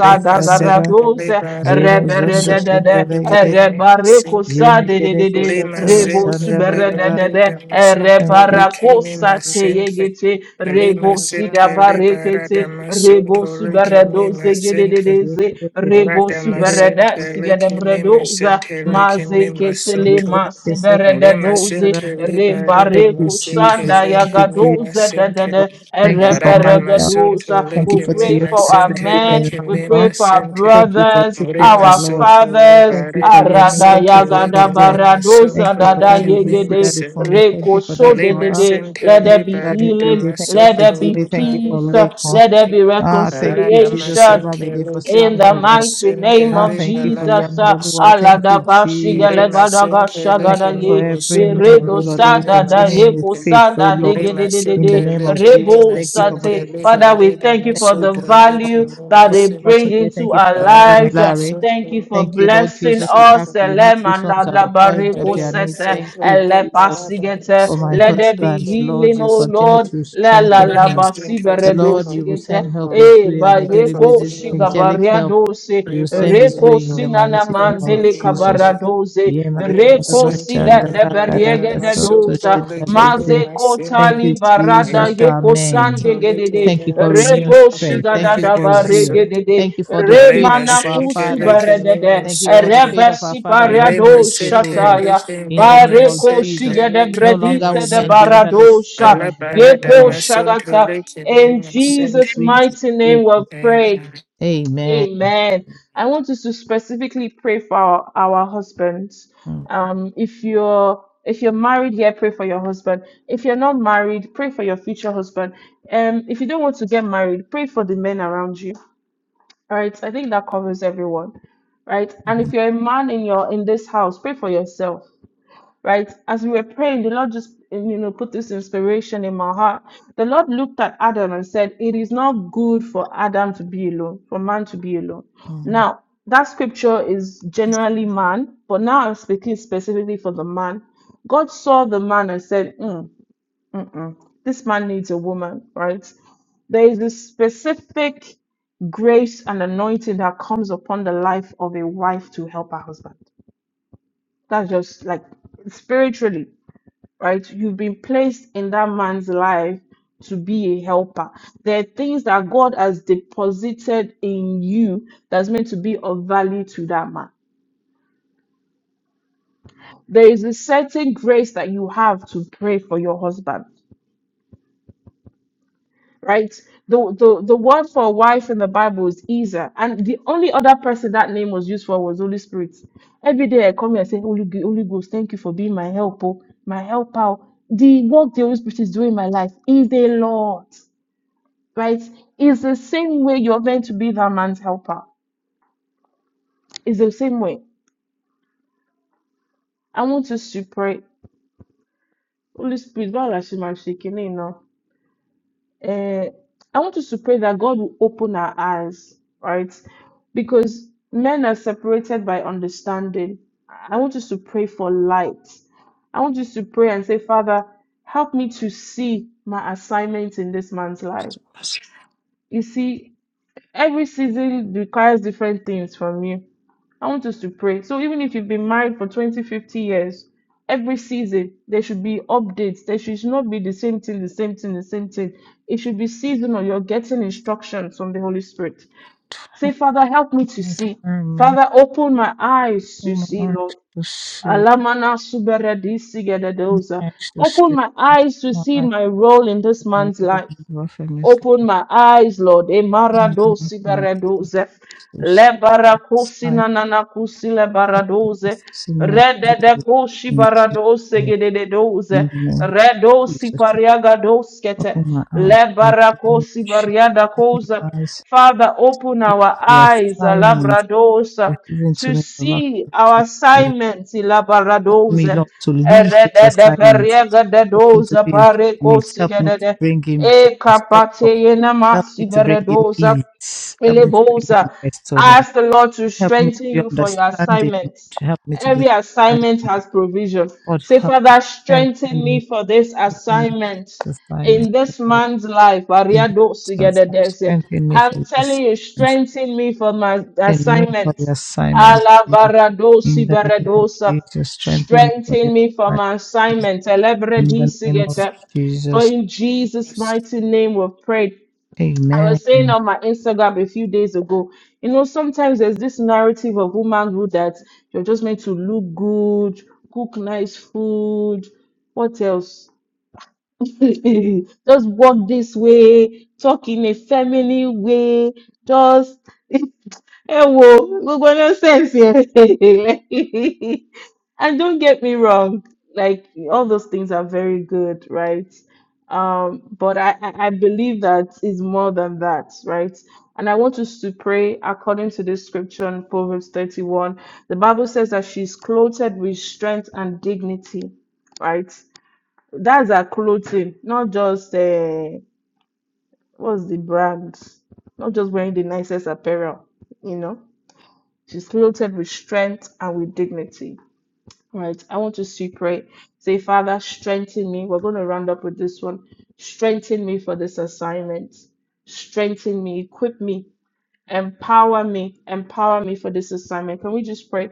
Santaba Sinka, Shandaba, dagaradose Leba Redam, Yemezunda Sunto reberedede Shandaba Likim, Sinka. Ye rebarekosa mekereke dedede santa Lima rebo bashanda Sinka, baraba. Leba suberedede Redam, Sunto Thank you, Jesus. reparakosa Likim, Mekereke Sinka. teyegete santa Lima rebo baraba. Sinka, Leba Ye sidabarekete Radam, mekereke rebo Sunto santa baraba. suberedo Likim, Sinka. zegedede Ye mekereke rebo santa Radam baraba. subereda Sinka, Likim, sigademredoza Sinka, Likim, mazekete Ye le Sunto. mekereke masibere de Lima santa doze baraba. Sinka, Leba Thank rebare Redam, you, Sinka, Jesus. kusanda Thank you, Likim, yagadoze de Jesus. de Sinka. de Thank you for Radam Michael. Sunto ereveregedosa. Thank you We for pray Likim, for Theophilus. our Sinka, Thank you for men. We pray Likim, Emmanuel. for our Sinka. Thank you for brothers, Ore Chukwuka, our Lord. masunto le fathers. Thank you bare for da Yemi. Arada Thank masente you for le yagada Kodir. kime Thank baradosa you masunto for le dada that kime ABC, yegede Daddy for masente. me. Thank you for rekoso Daddy Ore de de Bola. de. Let masente Thank le there you for be Daddy bare da healing. Judy. Thank you Let for there masunto be Judy. le Thank you bare for peace. da Lakeford. Let there masente. be Ah, thank Bara you, da Jesus, for reconciliation. masente Lamide, le for In kime the Samuel, Lord. mighty name masente Ah, of le thank you bala for da Jesus, uh, Yanulua. masunto. Thank you, Ore Jesus. masente le Thank you kime for Aladabashigalegadagashagadagi, every masunto man, oh Beredo le Lord, who kime Sadada continue in the Yeko masente. faith, oh Sada Ore Lord. In the Digididididi, masente name le of kime Jesus, rebo thank you for masente Brother sate, le Zach. Father, we bare da thank you Thank for you the for masunto le um, value kime that Brother they bring masente. Batunde. Thank into you for our Brother lives. uh, Damilare. Thank you for Thank you, Lord blessing Jesus. We us. ask Soto, you to meet Elema these la ones at la the point of bariko their Marina need. sete, Thank you, Sendele ele Jesus Barada pasigete. for my Let Soto, there be husband. Deacon Lord, healing, you O continue Lord. Masoto. to La la strengthen la Marina him. Sendele, The basibere pray Lord, for you will send healing, help Lord. his Eh, way on ba a Pray daily for yeko basis, healing, Lord. angelic help. You Pray will for send his Reko healing, way in the Lord. sinana mighty name Pray of for mandele healing, Jesus. kabara Lord. doze. Marina Reko sida Sendele de Barada beriege de Masoto, doza. Deacon Mazeko Thank you, tali Masoto. barada Jesus. Barada yeko Amen. sande Masoto, gedede. Thank you Deacon for renewed Masoto, Repo strength. Thank you shigadada Barada for zeal. Masoto. baregedede. Thank you for the Are faith Remana of our kusu Masoto, Deacon fathers. baredede. Thank you for the Masoto. faith of our Rebesi fathers, our Relay my holy parado faith, O center, Lord. shataya. licking In me, the name my of Bareko Jesus, center, shigede no licking me, longer my will bredise de men be center. under the spell baradosha. Alla of the enemy, barada, Yeko my Lord. center, shagata. licking me, In my On top of center. Jesus' wings of mighty name we eagles. Thank pray. you. Amen. Amen. I want us to specifically pray for our, our husbands. Mm, Um, if you're if you're married here, pray for your husband. If you're not married, pray for your future husband. Um, if you don't want to get married, pray for the men around you. All right. I think that covers everyone. Right. And if mhm, you're a man in your in this house, pray for yourself right? As we were praying, the Lord just, you know, put this inspiration in my heart. The Lord looked at Adam and said, It is not good for Adam to be alone, for man to be alone. mhm. Now, that scripture is generally man, but now I'm speaking specifically for the man. God saw the man and said, mm, mm-mm, This man needs a woman, right? There is a specific grace and anointing that comes upon the life of a wife to help her husband. That's just like spiritually right? You've been placed in that man's life to be a helper. There are things that God has deposited in you that's meant to be of value to that man. There is a certain grace that you have to pray for your husband, right? The, the, the word for wife in the Bible is Isa, and the only other person that name was used for was Holy Spirit. Every day I come here and say, Holy, G- Holy Ghost, thank you for being my helper, my helper. oh." The work the Holy Spirit is doing in my life is a lot right? It's the same way you're going to be that man's helper. It's the same way. I want us to pray. Holy Spirit, while I'm shaking, you know, uh, I want us to pray that God will open our eyes, right? Because men are separated by understanding. I want us to pray for light. I want us to pray and say, Father, help me to see my assignment in this man's life. You see, every season requires different things from you I want us to pray. So even if you've been married for 20, 50 years, every season there should be updates. There should not be the same thing, the same thing, the same thing. It should be seasonal. You're getting instructions from the Holy Spirit. Say, Father, help me to see. Amen. Father, open my eyes Oh, to my see, eyes Lord. to see, Alamana suberedi my sigededosa. eyes to Open see. my eyes to My see eyes my role in this are man's open, life. my eyes are Open my eyes, Lord. open. Emaradosi My baradoze. eyes are Lebarakosi open. nananakusi lebaradoze. Sin my glory Rededekoshi and it's not baradose Lord. gedededoze. In the name of Redosi Jesus, pariagadoskete. open my eyes and the Lord Lebarakosi she open bariadakoze. my eyes. Father, open see our The eyes, assignment Labradosa, you're given to to me about see our help assignments, me, Labradosa. Lord, to leave this assignment. Help me to Erededeberiagadedoza be a helpmate. Help me to parekosigedede. bring him E joy, kapate comfort. yena Help masi me to bring him beredoza ease. Help me to bring Elebosa. him rest, O Lord. Ask the Lord to Help me to strengthen be you for your understanding, Lord. assignments. Help me to be Every assignment understanding, Lord. has provision. God, Say, help me, Father, strengthen strengthen me for this Strengthen me assignment for this assignment, in O this God. man's life. In Jesus' name, Ariadosigededese. strengthen me for I'm telling this you, assignment. strengthen me for my Strengthen me for assignment. the assignment, O Lord. In Alabaradosi the name of beredosa. Jesus, strengthen me for the Strengthen me for my assignment. O Lord. assignment. In the name of Elebredisegete. For Jesus, in Jesus' mighty name we've prayed. I Amen. was saying on my Instagram a few days ago, you know, sometimes there's this narrative of womanhood that you're just meant to look good, cook nice food, what else? just walk this way, talk in a feminine way, just ẹ wo gbogbo nonsense yẹn like and don't get me wrong like all those things are very good right um but I I I believe that is more than that right and I want us to pray according to the scripture in Proverbs 31 the Bible says that she's clothed with strength and dignity right that's her clothing not just uh what's the brand not just wearing the nicest apparel you know She's clothed with strength and with dignity. All Right. I want us to pray. Say, Father, strengthen me. We're going to round up with this one. Strengthen me for this assignment. Strengthen me. Equip me Empower me, empower me for this assignment. Can we just pray?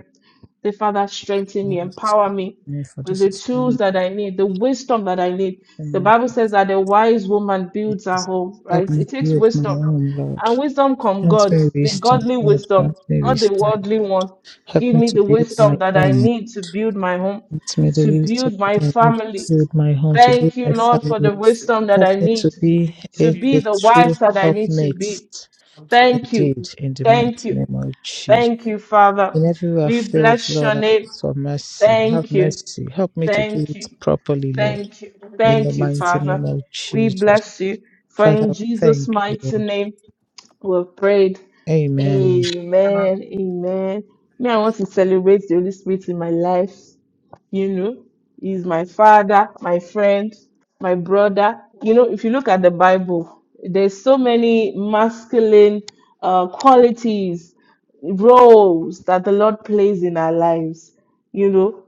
The Father, strengthen me, Lord, empower strengthen me me for with this the tools assignment. that I need, the wisdom that I need. in The your Bible says that a wise woman builds her home, Help right? me It takes build my wisdom. own, Lord. And wisdom from Grant God, me the wisdom, godly Lord. wisdom, Grant me not the wisdom. worldly one. Help Give me me to the build my wisdom that I home. need to build my home, Grant me the to wisdom build that my I need to family. build my home, to build Thank you, my Lord, for family. the wisdom that Help I me to need be a, to be the the true wife that I need to helpmate be. Thank you. indeed, in the mighty Thank you. name of Jesus. Thank you, Father. In every way I We failed, bless your Lord, I name. ask for mercy. Have Thank you. mercy. Help me to do Thank it you. properly, Lord, Thank you. in the Thank you, mighty name Father. of We Jesus. bless you. For Father, in we Jesus' thank you, mighty Lord. name we have prayed. Amen. Amen. Amen. Me, I want to celebrate the Holy Spirit in my life you know, he's my father, my friend, my brother. You know, if you look at the Bible, there's so many masculine uh, qualities, roles that the Lord plays in our lives. You know,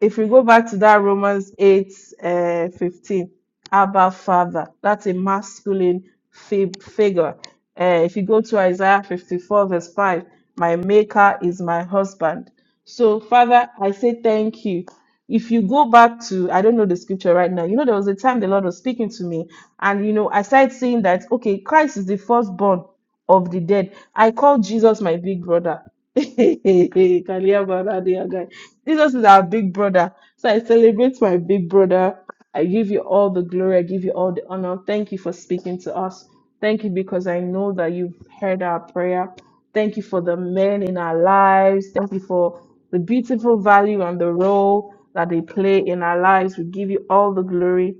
if we go back to that Romans 8 uh, 15, Abba Father, that's a masculine fib- figure. Uh, if you go to Isaiah 54, verse 5, my maker is my husband. So, Father, I say thank you. If you go back to, I don't know the scripture right now, you know, there was a time the Lord was speaking to me, and you know, I started seeing that, okay, Christ is the firstborn of the dead. I call Jesus my big brother. Kaliabaradiagai. Jesus is our big brother. So I celebrate my big brother. I give you all the glory. I give you all the honor. Thank you for speaking to us. Thank you because I know that you've heard our prayer. Thank you for the men in our lives. Thank you for the beautiful value and the role that they play in our lives. We give you all the glory,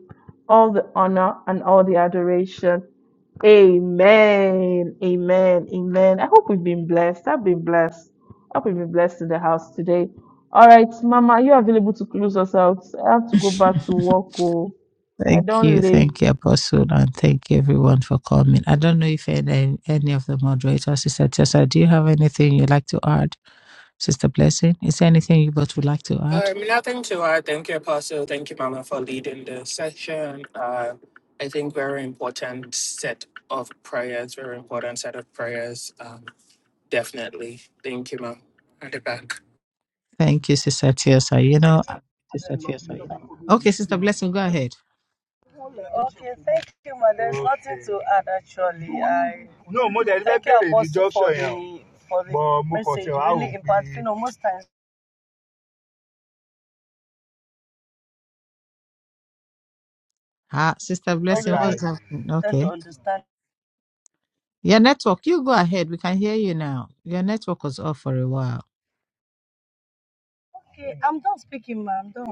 all the honor, and all the adoration. Amen. Amen. Amen. I hope we've been blessed. I've been blessed. I hope we've been blessed in the house today. All right, Mama, are you available to close us out? I have to go back to work. Oh, I Thank don't you. late. Thank you, Apostle, and thank you everyone for coming. I don't know if any, any of the moderators, Sister Tessa, do you have anything you'd like to add? Sister Blessing, is there anything you both would like to add? Um, nothing to add. Thank you, Apostle. Thank you, Mama, for leading the session. Uh, I think very important set of prayers, very important set of prayers. Um, Definitely. Thank you, ma'am. I'll be back. Thank you, Sister Tessa. You know, okay, Sister Blessing, go ahead. thank you, ma. There's okay. nothing to add actually. I No, mo dẹ̀ ti fẹ́ thank you, Apostle, for yẹn the for the But message. wá wò Really pé You know, most times Ah, Sister we don't Blessing, really what's happening? tend to Okay. understand. Your network, you go ahead. We can hear you now. Your network was off for a while. Okay, I'm done speaking, ma. I'm done.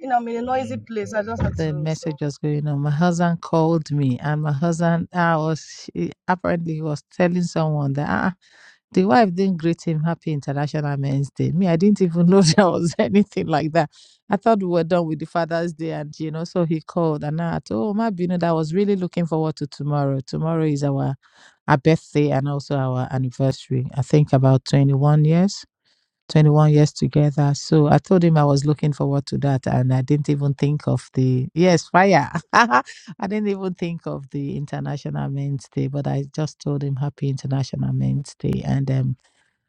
You know, I'm in a noisy place. I just had the to. So. message was going on. My husband called me, and my husband, I was he, apparently he was telling someone that ah, the wife didn't greet him Happy International Men's Day. Me, I didn't even know there was anything like that. I thought we were done with the Father's Day, and you know, so he called, and I told him, oh, you know, that I was really looking forward to tomorrow. Tomorrow is our our birthday and also our anniversary. I think about twenty one years. 21 years together. So I told him I was looking forward to that. And I didn't even think of the, yes, fire. I didn't even think of the International Men's Day, but I just told him Happy International Men's Day. And um,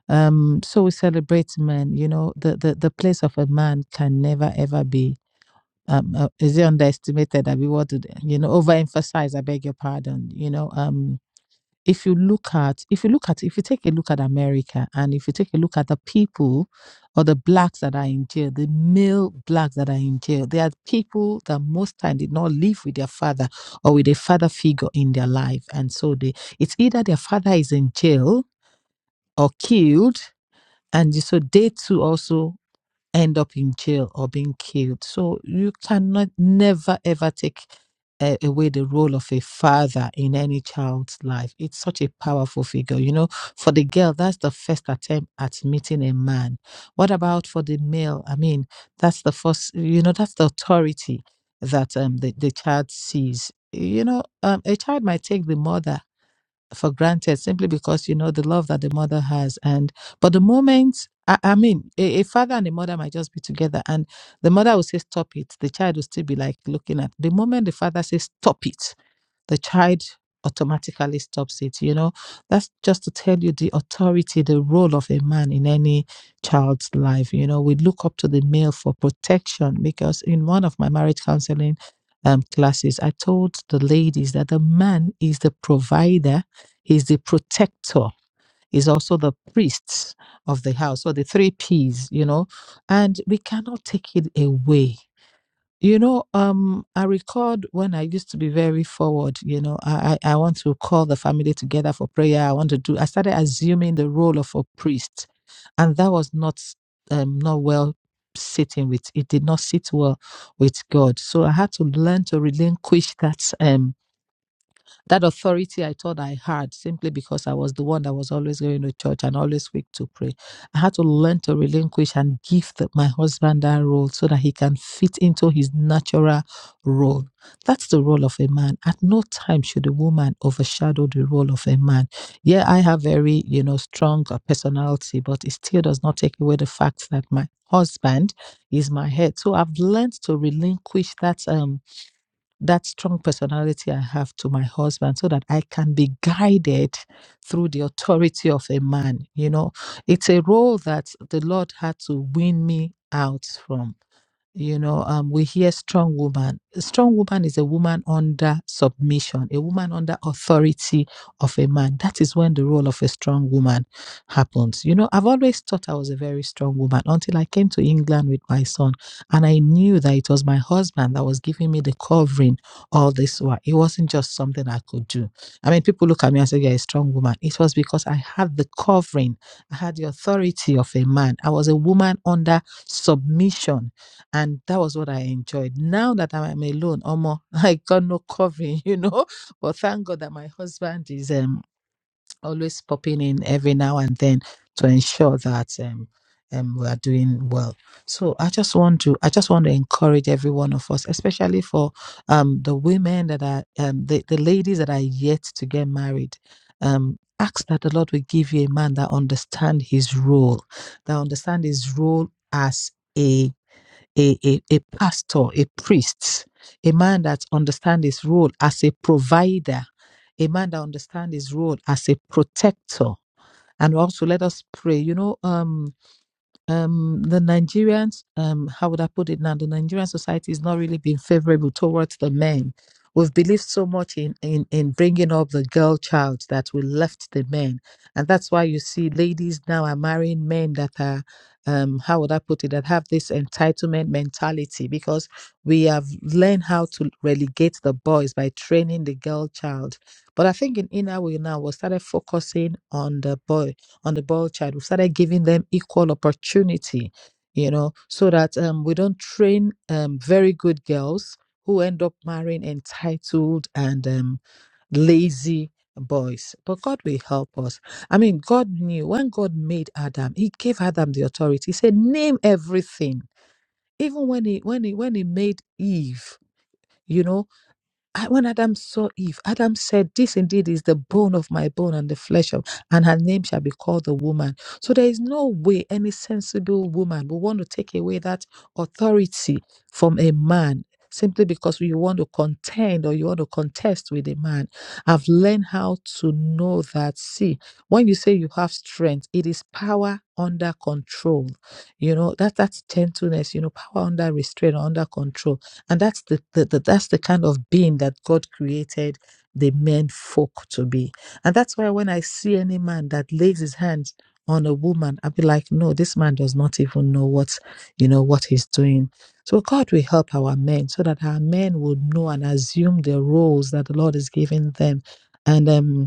um, so we celebrate men. You know, the, the, the place of a man can never, ever be. Um, uh, is it underestimated? I mean, what do they, you know? Overemphasize. I beg your pardon. You know, um, if you look at if you look at if you take a look at America and if you take a look at the people or the blacks that are in jail, the male blacks that are in jail, they are people that most time did not live with their father or with a father figure in their life. And so they it's either their father is in jail or killed. And so they too also end up in jail or being killed. So you cannot never ever take uh, away the role of a father in any child's life. It's such a powerful figure. You know, for the girl, that's the first attempt at meeting a man. What about for the male? I mean, that's the first, you know, that's the authority that um, the, the child sees. You know, um, a child might take the mother for granted simply because you know the love that the mother has and but the moment i, I mean a, a father and a mother might just be together and the mother will say stop it the child will still be like looking at the moment the father says stop it the child automatically stops it. You know, that's just to tell you the authority, the role of a man in any child's life. You know, we look up to the male for protection because in one of my marriage counseling um, classes, I told the ladies that the man is the provider, he's the protector. Is also the priest of the house, or the three P's, you know, and we cannot take it away you know, um, I recalled when I used to be very forward. You know, I I I want to call the family together for prayer. I want to do. I started assuming the role of a priest, and that was not um not well sitting with. It did not sit well with God. So I had to learn to relinquish that. Um. That authority I thought I had simply because I was the one that was always going to church and always quick to pray. I had to learn to relinquish and give the, my husband that role so that he can fit into his natural role. That's the role of a man. At no time should a woman overshadow the role of a man. Yeah, I have very, you know, strong uh, personality, but it still does not take away the fact that my husband is my head. So I've learned to relinquish that. Um, that strong personality I have to my husband so that I can be guided through the authority of a man. You know, it's a role that the Lord had to win me out from you know um we hear strong woman a strong woman is a woman under submission a woman under authority of a man that is when the role of a strong woman happens you know i've always thought i was a very strong woman until i came to england with my son and i knew that it was my husband that was giving me the covering all this while it wasn't just something i could do i mean people look at me and say you're a strong woman it was because i had the covering i had the authority of a man i was a woman under submission and that was what I enjoyed. Now that I'm alone, Omo, I got no covering, you know. But thank God that my husband is um always popping in every now and then to ensure that um um we are doing well. So I just want to I just want to encourage every one of us, especially for um the women that are um the, the ladies that are yet to get married. Um ask that the Lord will give you a man that understand his role, that understand his role as a a, a, a pastor, a priest, a man that understands his role as a provider, a man that understands his role as a protector. And also let us pray. You know, um um, the Nigerians, um, how would I put it now? The Nigerian society is not really being favorable towards the men. We've believed so much in, in, in bringing up the girl child that we left the men. And that's why you see ladies now are marrying men that are, um, how would I put it, that have this entitlement mentality because we have learned how to relegate the boys by training the girl child. But I think in Inner Way now, we started focusing on the boys on the boy child. We've started giving them equal opportunity, you know, so that um, we don't train um, very good girls who end up marrying entitled and um, lazy boys. But God will help us. I mean, God knew when God made Adam, He gave Adam the authority. He said, "Name everything." Even when He when He when He made Eve. You know, I- when Adam saw Eve, Adam said, This indeed is the bone of my bone and the flesh of, and her name shall be called the woman. So there is no way any sensible woman will want to take away that authority from a man simply because you want to contend or you want to contest with a man. I've learned how to know that. See, when you say you have strength, it is power under control. You know, that that's gentleness, you know, power under restraint or under control and that's the, the, the that's the kind of being that god created the men folk to be and that's why when i see any man that lays his hands on a woman i'll be like no this man does not even know what you know what he's doing so god will help our men so that our men would know and assume the roles that the lord is giving them and um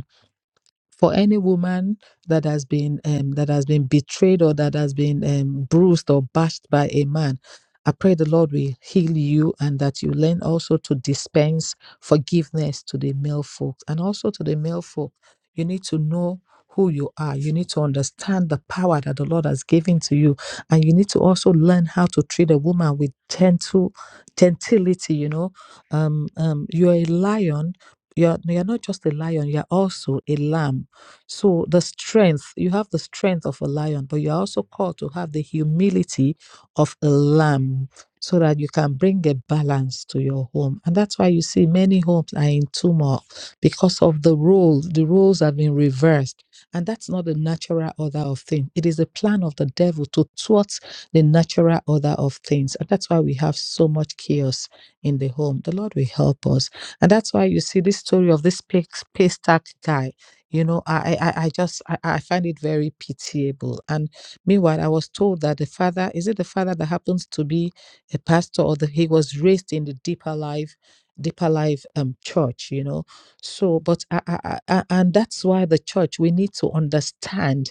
for any woman that has been um, that has been betrayed or that has been um, bruised or bashed by a man i pray the lord will heal you and that you learn also to dispense forgiveness to the male folk and also to the male folk you need to know who you are you need to understand the power that the lord has given to you and you need to also learn how to treat a woman with gentle gentility you know um, um, you're a lion you're, you're not just a lion you're also a lamb so the strength, you have the strength of a lion, but you're also called to have the humility of a lamb so that you can bring a balance to your home. And that's why you see many homes are in turmoil because of the rules. The rules have been reversed. And that's not the natural order of things. It is a plan of the devil to thwart the natural order of things. And that's why we have so much chaos in the home. The Lord will help us. And that's why you see this story of this pay- paystack guy you know, I I, I I just I, I find it very pitiable. And meanwhile, I was told that the father is it the father that happens to be a pastor, or that he was raised in the deeper life, deeper life um church. You know, so but I, I, I, I- and that's why the church we need to understand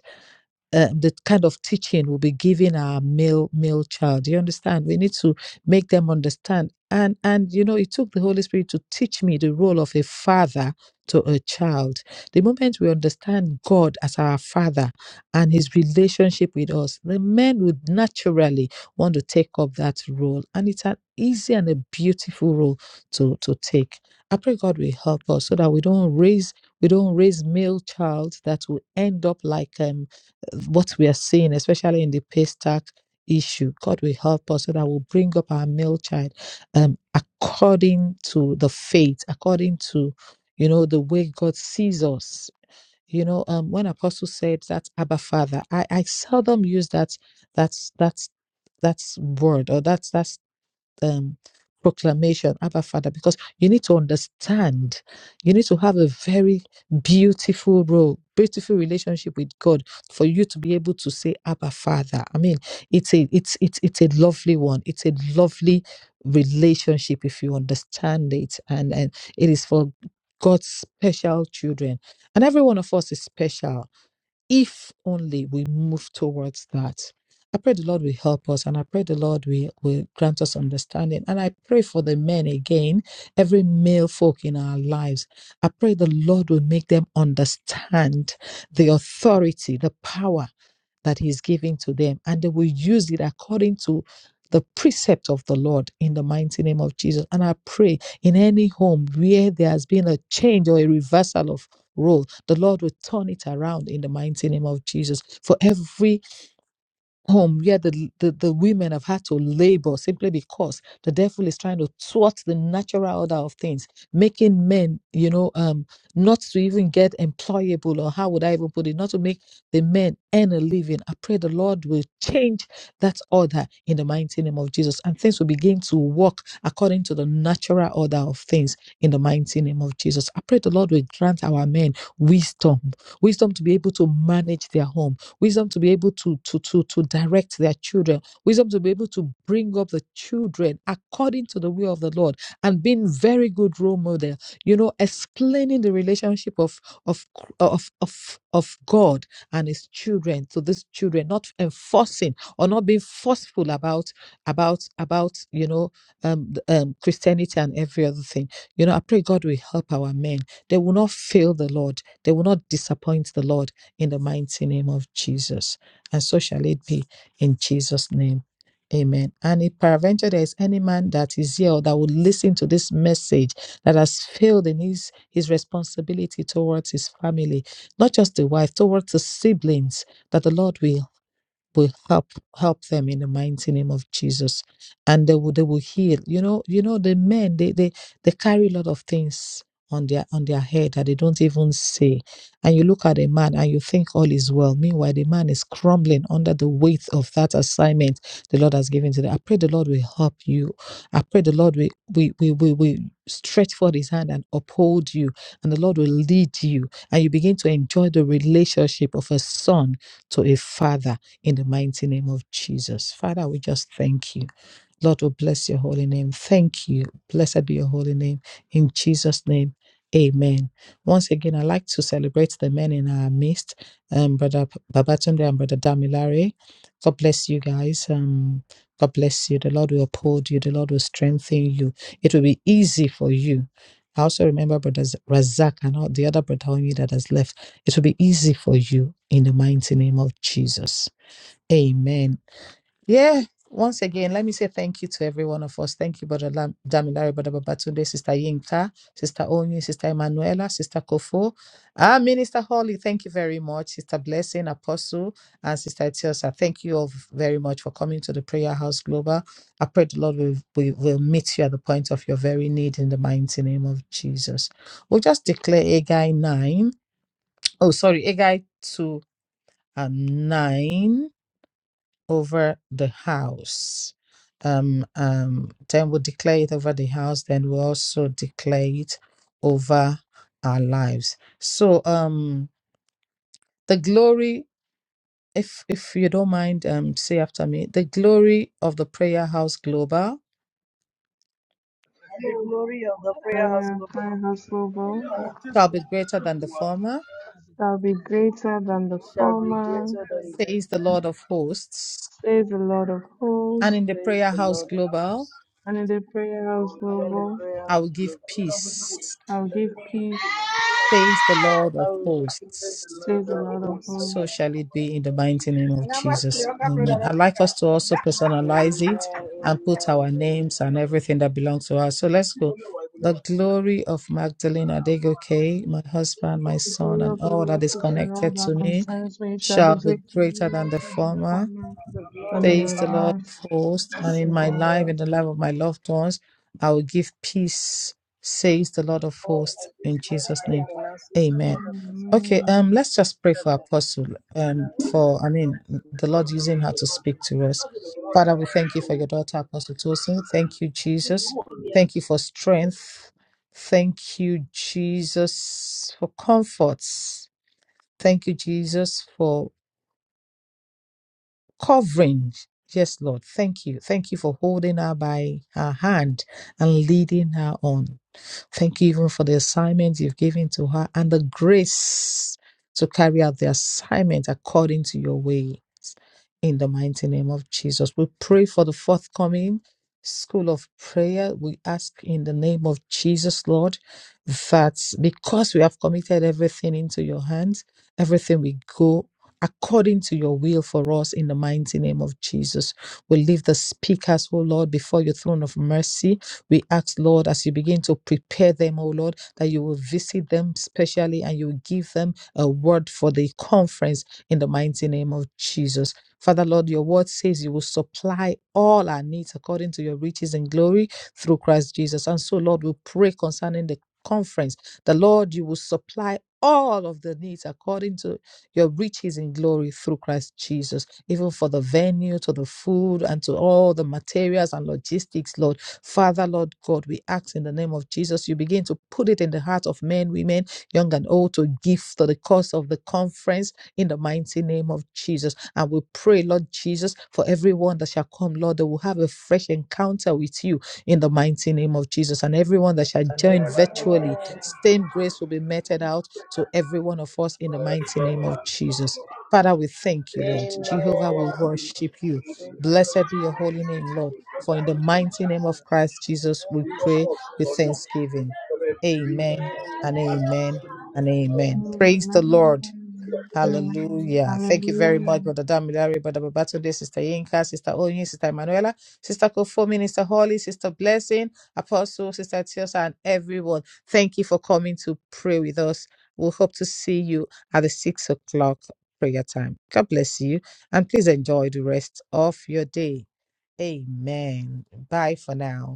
uh, the kind of teaching will be given our male male child. You understand? We need to make them understand. And and you know, it took the Holy Spirit to teach me the role of a father to a child. The moment we understand God as our father and his relationship with us, the men would naturally want to take up that role. And it's an easy and a beautiful role to, to take. I pray God will help us so that we don't raise we don't raise male child that will end up like um what we are seeing, especially in the pay stack issue. God will help us so that we'll bring up our male child um, according to the faith, according to, you know, the way God sees us. You know, um, when Apostle said that Abba Father, I, I seldom use that that's that's that's word or that's that um, proclamation, Abba Father, because you need to understand, you need to have a very beautiful role, beautiful relationship with God for you to be able to say Abba Father. I mean, it's a it's it's it's a lovely one. It's a lovely relationship if you understand it, and and it is for God's special children, and every one of us is special if only we move towards that. I pray the Lord will help us and I pray the Lord will, will grant us understanding. And I pray for the men again, every male folk in our lives. I pray the Lord will make them understand the authority, the power that He's giving to them, and they will use it according to the precept of the Lord in the mighty name of Jesus. And I pray in any home where there has been a change or a reversal of role. The Lord will turn it around in the mighty name of Jesus. For every home where the, the, the women have had to labor simply because the devil is trying to thwart the natural order of things, making men, you know, um, not to even get employable, or how would I even put it, not to make the men earn a living. I pray the Lord will change that order in the mighty name of Jesus, and things will begin to work according to the natural order of things in the mighty name of Jesus. I pray the Lord will grant our men wisdom, wisdom to be able to manage their home wisdom to be able to, to, to, to direct their children, wisdom to be able to bring up the children according to the will of the Lord and being very good role model, you know, explaining the relationship of of of of, of God and his children to these children, not enforcing or not being forceful about about about you know um, um Christianity and every other thing. You know, I pray God will help our men. They will not fail the Lord. They will not disappoint the Lord in the mighty name of Jesus. And so shall it be in Jesus' name. Amen. And if peradventure there is any man that is here or that would listen to this message that has failed in his, his responsibility towards his family, not just the wife, towards the siblings, that the Lord will will help help them in the mighty name of Jesus, and they will they will heal. You know, you know the men they they they carry a lot of things on their on their head that they don't even see, and you look at a man and you think all is well. Meanwhile, the man is crumbling under the weight of that assignment the Lord has given to them. I pray the Lord will help you. I pray the Lord will we we we will stretch forth His hand and uphold you, and the Lord will lead you, and you begin to enjoy the relationship of a son to a father in the mighty name of Jesus. Father, we just thank you. Lord, we bless your holy name. Thank you. Blessed be your holy name. In Jesus' name, amen. Once again, I'd like to celebrate the men in our midst, um, Brother Babatunde and Brother Damilare. God bless you guys. Um, God bless you. The Lord will uphold you. The Lord will strengthen you. It will be easy for you. I also remember Brother Razak and all the other Brother Omi that has left. It will be easy for you in the mighty name of Jesus. Amen. Yeah. Once again, let me say thank you to every one of us. Thank you, Brother Lam- Damilare, Brother Babatunde, Sister Yinka, Sister Onyi, Sister Emanuela, Sister Kofo, Ah, Minister Holly, thank you very much. Sister Blessing, Apostle, and Sister Etiosa, thank you all very much for coming to the Prayer House Global. I pray the Lord will, will, will meet you at the point of your very need in the mighty name of Jesus. We'll just declare Agai 9. Oh, sorry, Agai 2 and 9 over the house. Um, um, then we'll declare it over the house, then we'll also declare it over our lives. So um the glory, if if you don't mind, um say after me, the glory of the prayer house global The glory of the prayer house Prayer, my global household shall be greater than the former, shall be greater than the shall be former, greater than the says the earth. Lord of hosts. says the Lord of And hosts. in the Praise prayer the house Lord. global, And in the prayer house I'm in the global, prayer I will house give global. peace, I'll give peace, says the Lord of I will be praise the hosts. Lord says the of Lord of hosts. So hosts. shall it be in the mighty name of Jesus. Amen. I'd like us to also personalize Amen, it amen, and put our amen. names and everything that belongs to us. So let's go. The glory of Magdalene Adegoke, my husband, my The son, glory and of the all that Lord is is in all connected that to me concerns me. It shall be shall be great in greater you, than it the shall be before former me, The and in glory says our the of Lord lives. of hosts, Lord, and the we in my grant life Lord. and the life of my loved ones, I will give peace, says the Lord of for hosts, our business, in Jesus' name. finances, and Amen. other Okay, Amen. concerns. um, let's just pray for Apostle, um, for I mean the Lord using her to speak to us. Father, we thank you for your daughter Apostle Tosin. Thank you, Jesus. Thank you for strength. Thank you, Jesus, for comforts. Thank you, Jesus, for covering. Yes, Lord. Thank you. Thank you for holding her by her hand and leading her on. Thank you even for the assignment you've given to her and the grace to carry out the assignment according to your ways. In the mighty name of Jesus, we pray for the forthcoming school of prayer. We ask in the name of Jesus, Lord, that because we have committed everything into your hands, everything we go according to your will for us in the mighty name of Jesus. We leave the speakers, oh Lord, before your throne of mercy we ask, Lord, as you begin to prepare them, oh Lord, that you will visit them specially and you will give them a word for the conference in the mighty name of Jesus. Father, Lord, your word says you will supply all our needs according to your riches and glory through Christ Jesus. And so, Lord, we pray concerning the conference, the Lord, you will supply all of the needs according to your riches in glory through Christ Jesus, even for the venue, to the food, and to all the materials and logistics, Lord. Father, Lord God, we ask in the name of Jesus, you begin to put it in the heart of men, women, young and old, to give to the cause of the conference in the mighty name of Jesus. And we pray, Lord Jesus, for everyone that shall come, Lord, that will have a fresh encounter with you in the mighty name of Jesus. And everyone that shall join virtually, same grace will be meted out to every one of us in the mighty name of Jesus. Father, we thank you, Lord. Amen. Jehovah we worship you. Blessed be your holy name, Lord. For in the mighty name of Christ Jesus, we pray with thanksgiving. Amen and amen and amen. Praise the Lord. Amen. Amen. Hallelujah. Thank you very Hallelujah. much, Brother Damilare, Brother Babatunde, Sister Yinka, Sister Oyin, Sister Emanuela, Sister Kofo, Minister Holly, Sister Blessing, Apostle, Sister Tiosa, and everyone. Thank you for coming to pray with us. We hope to see you at the six o'clock prayer time. God bless you, and please enjoy the rest of your day. Amen. Bye for now.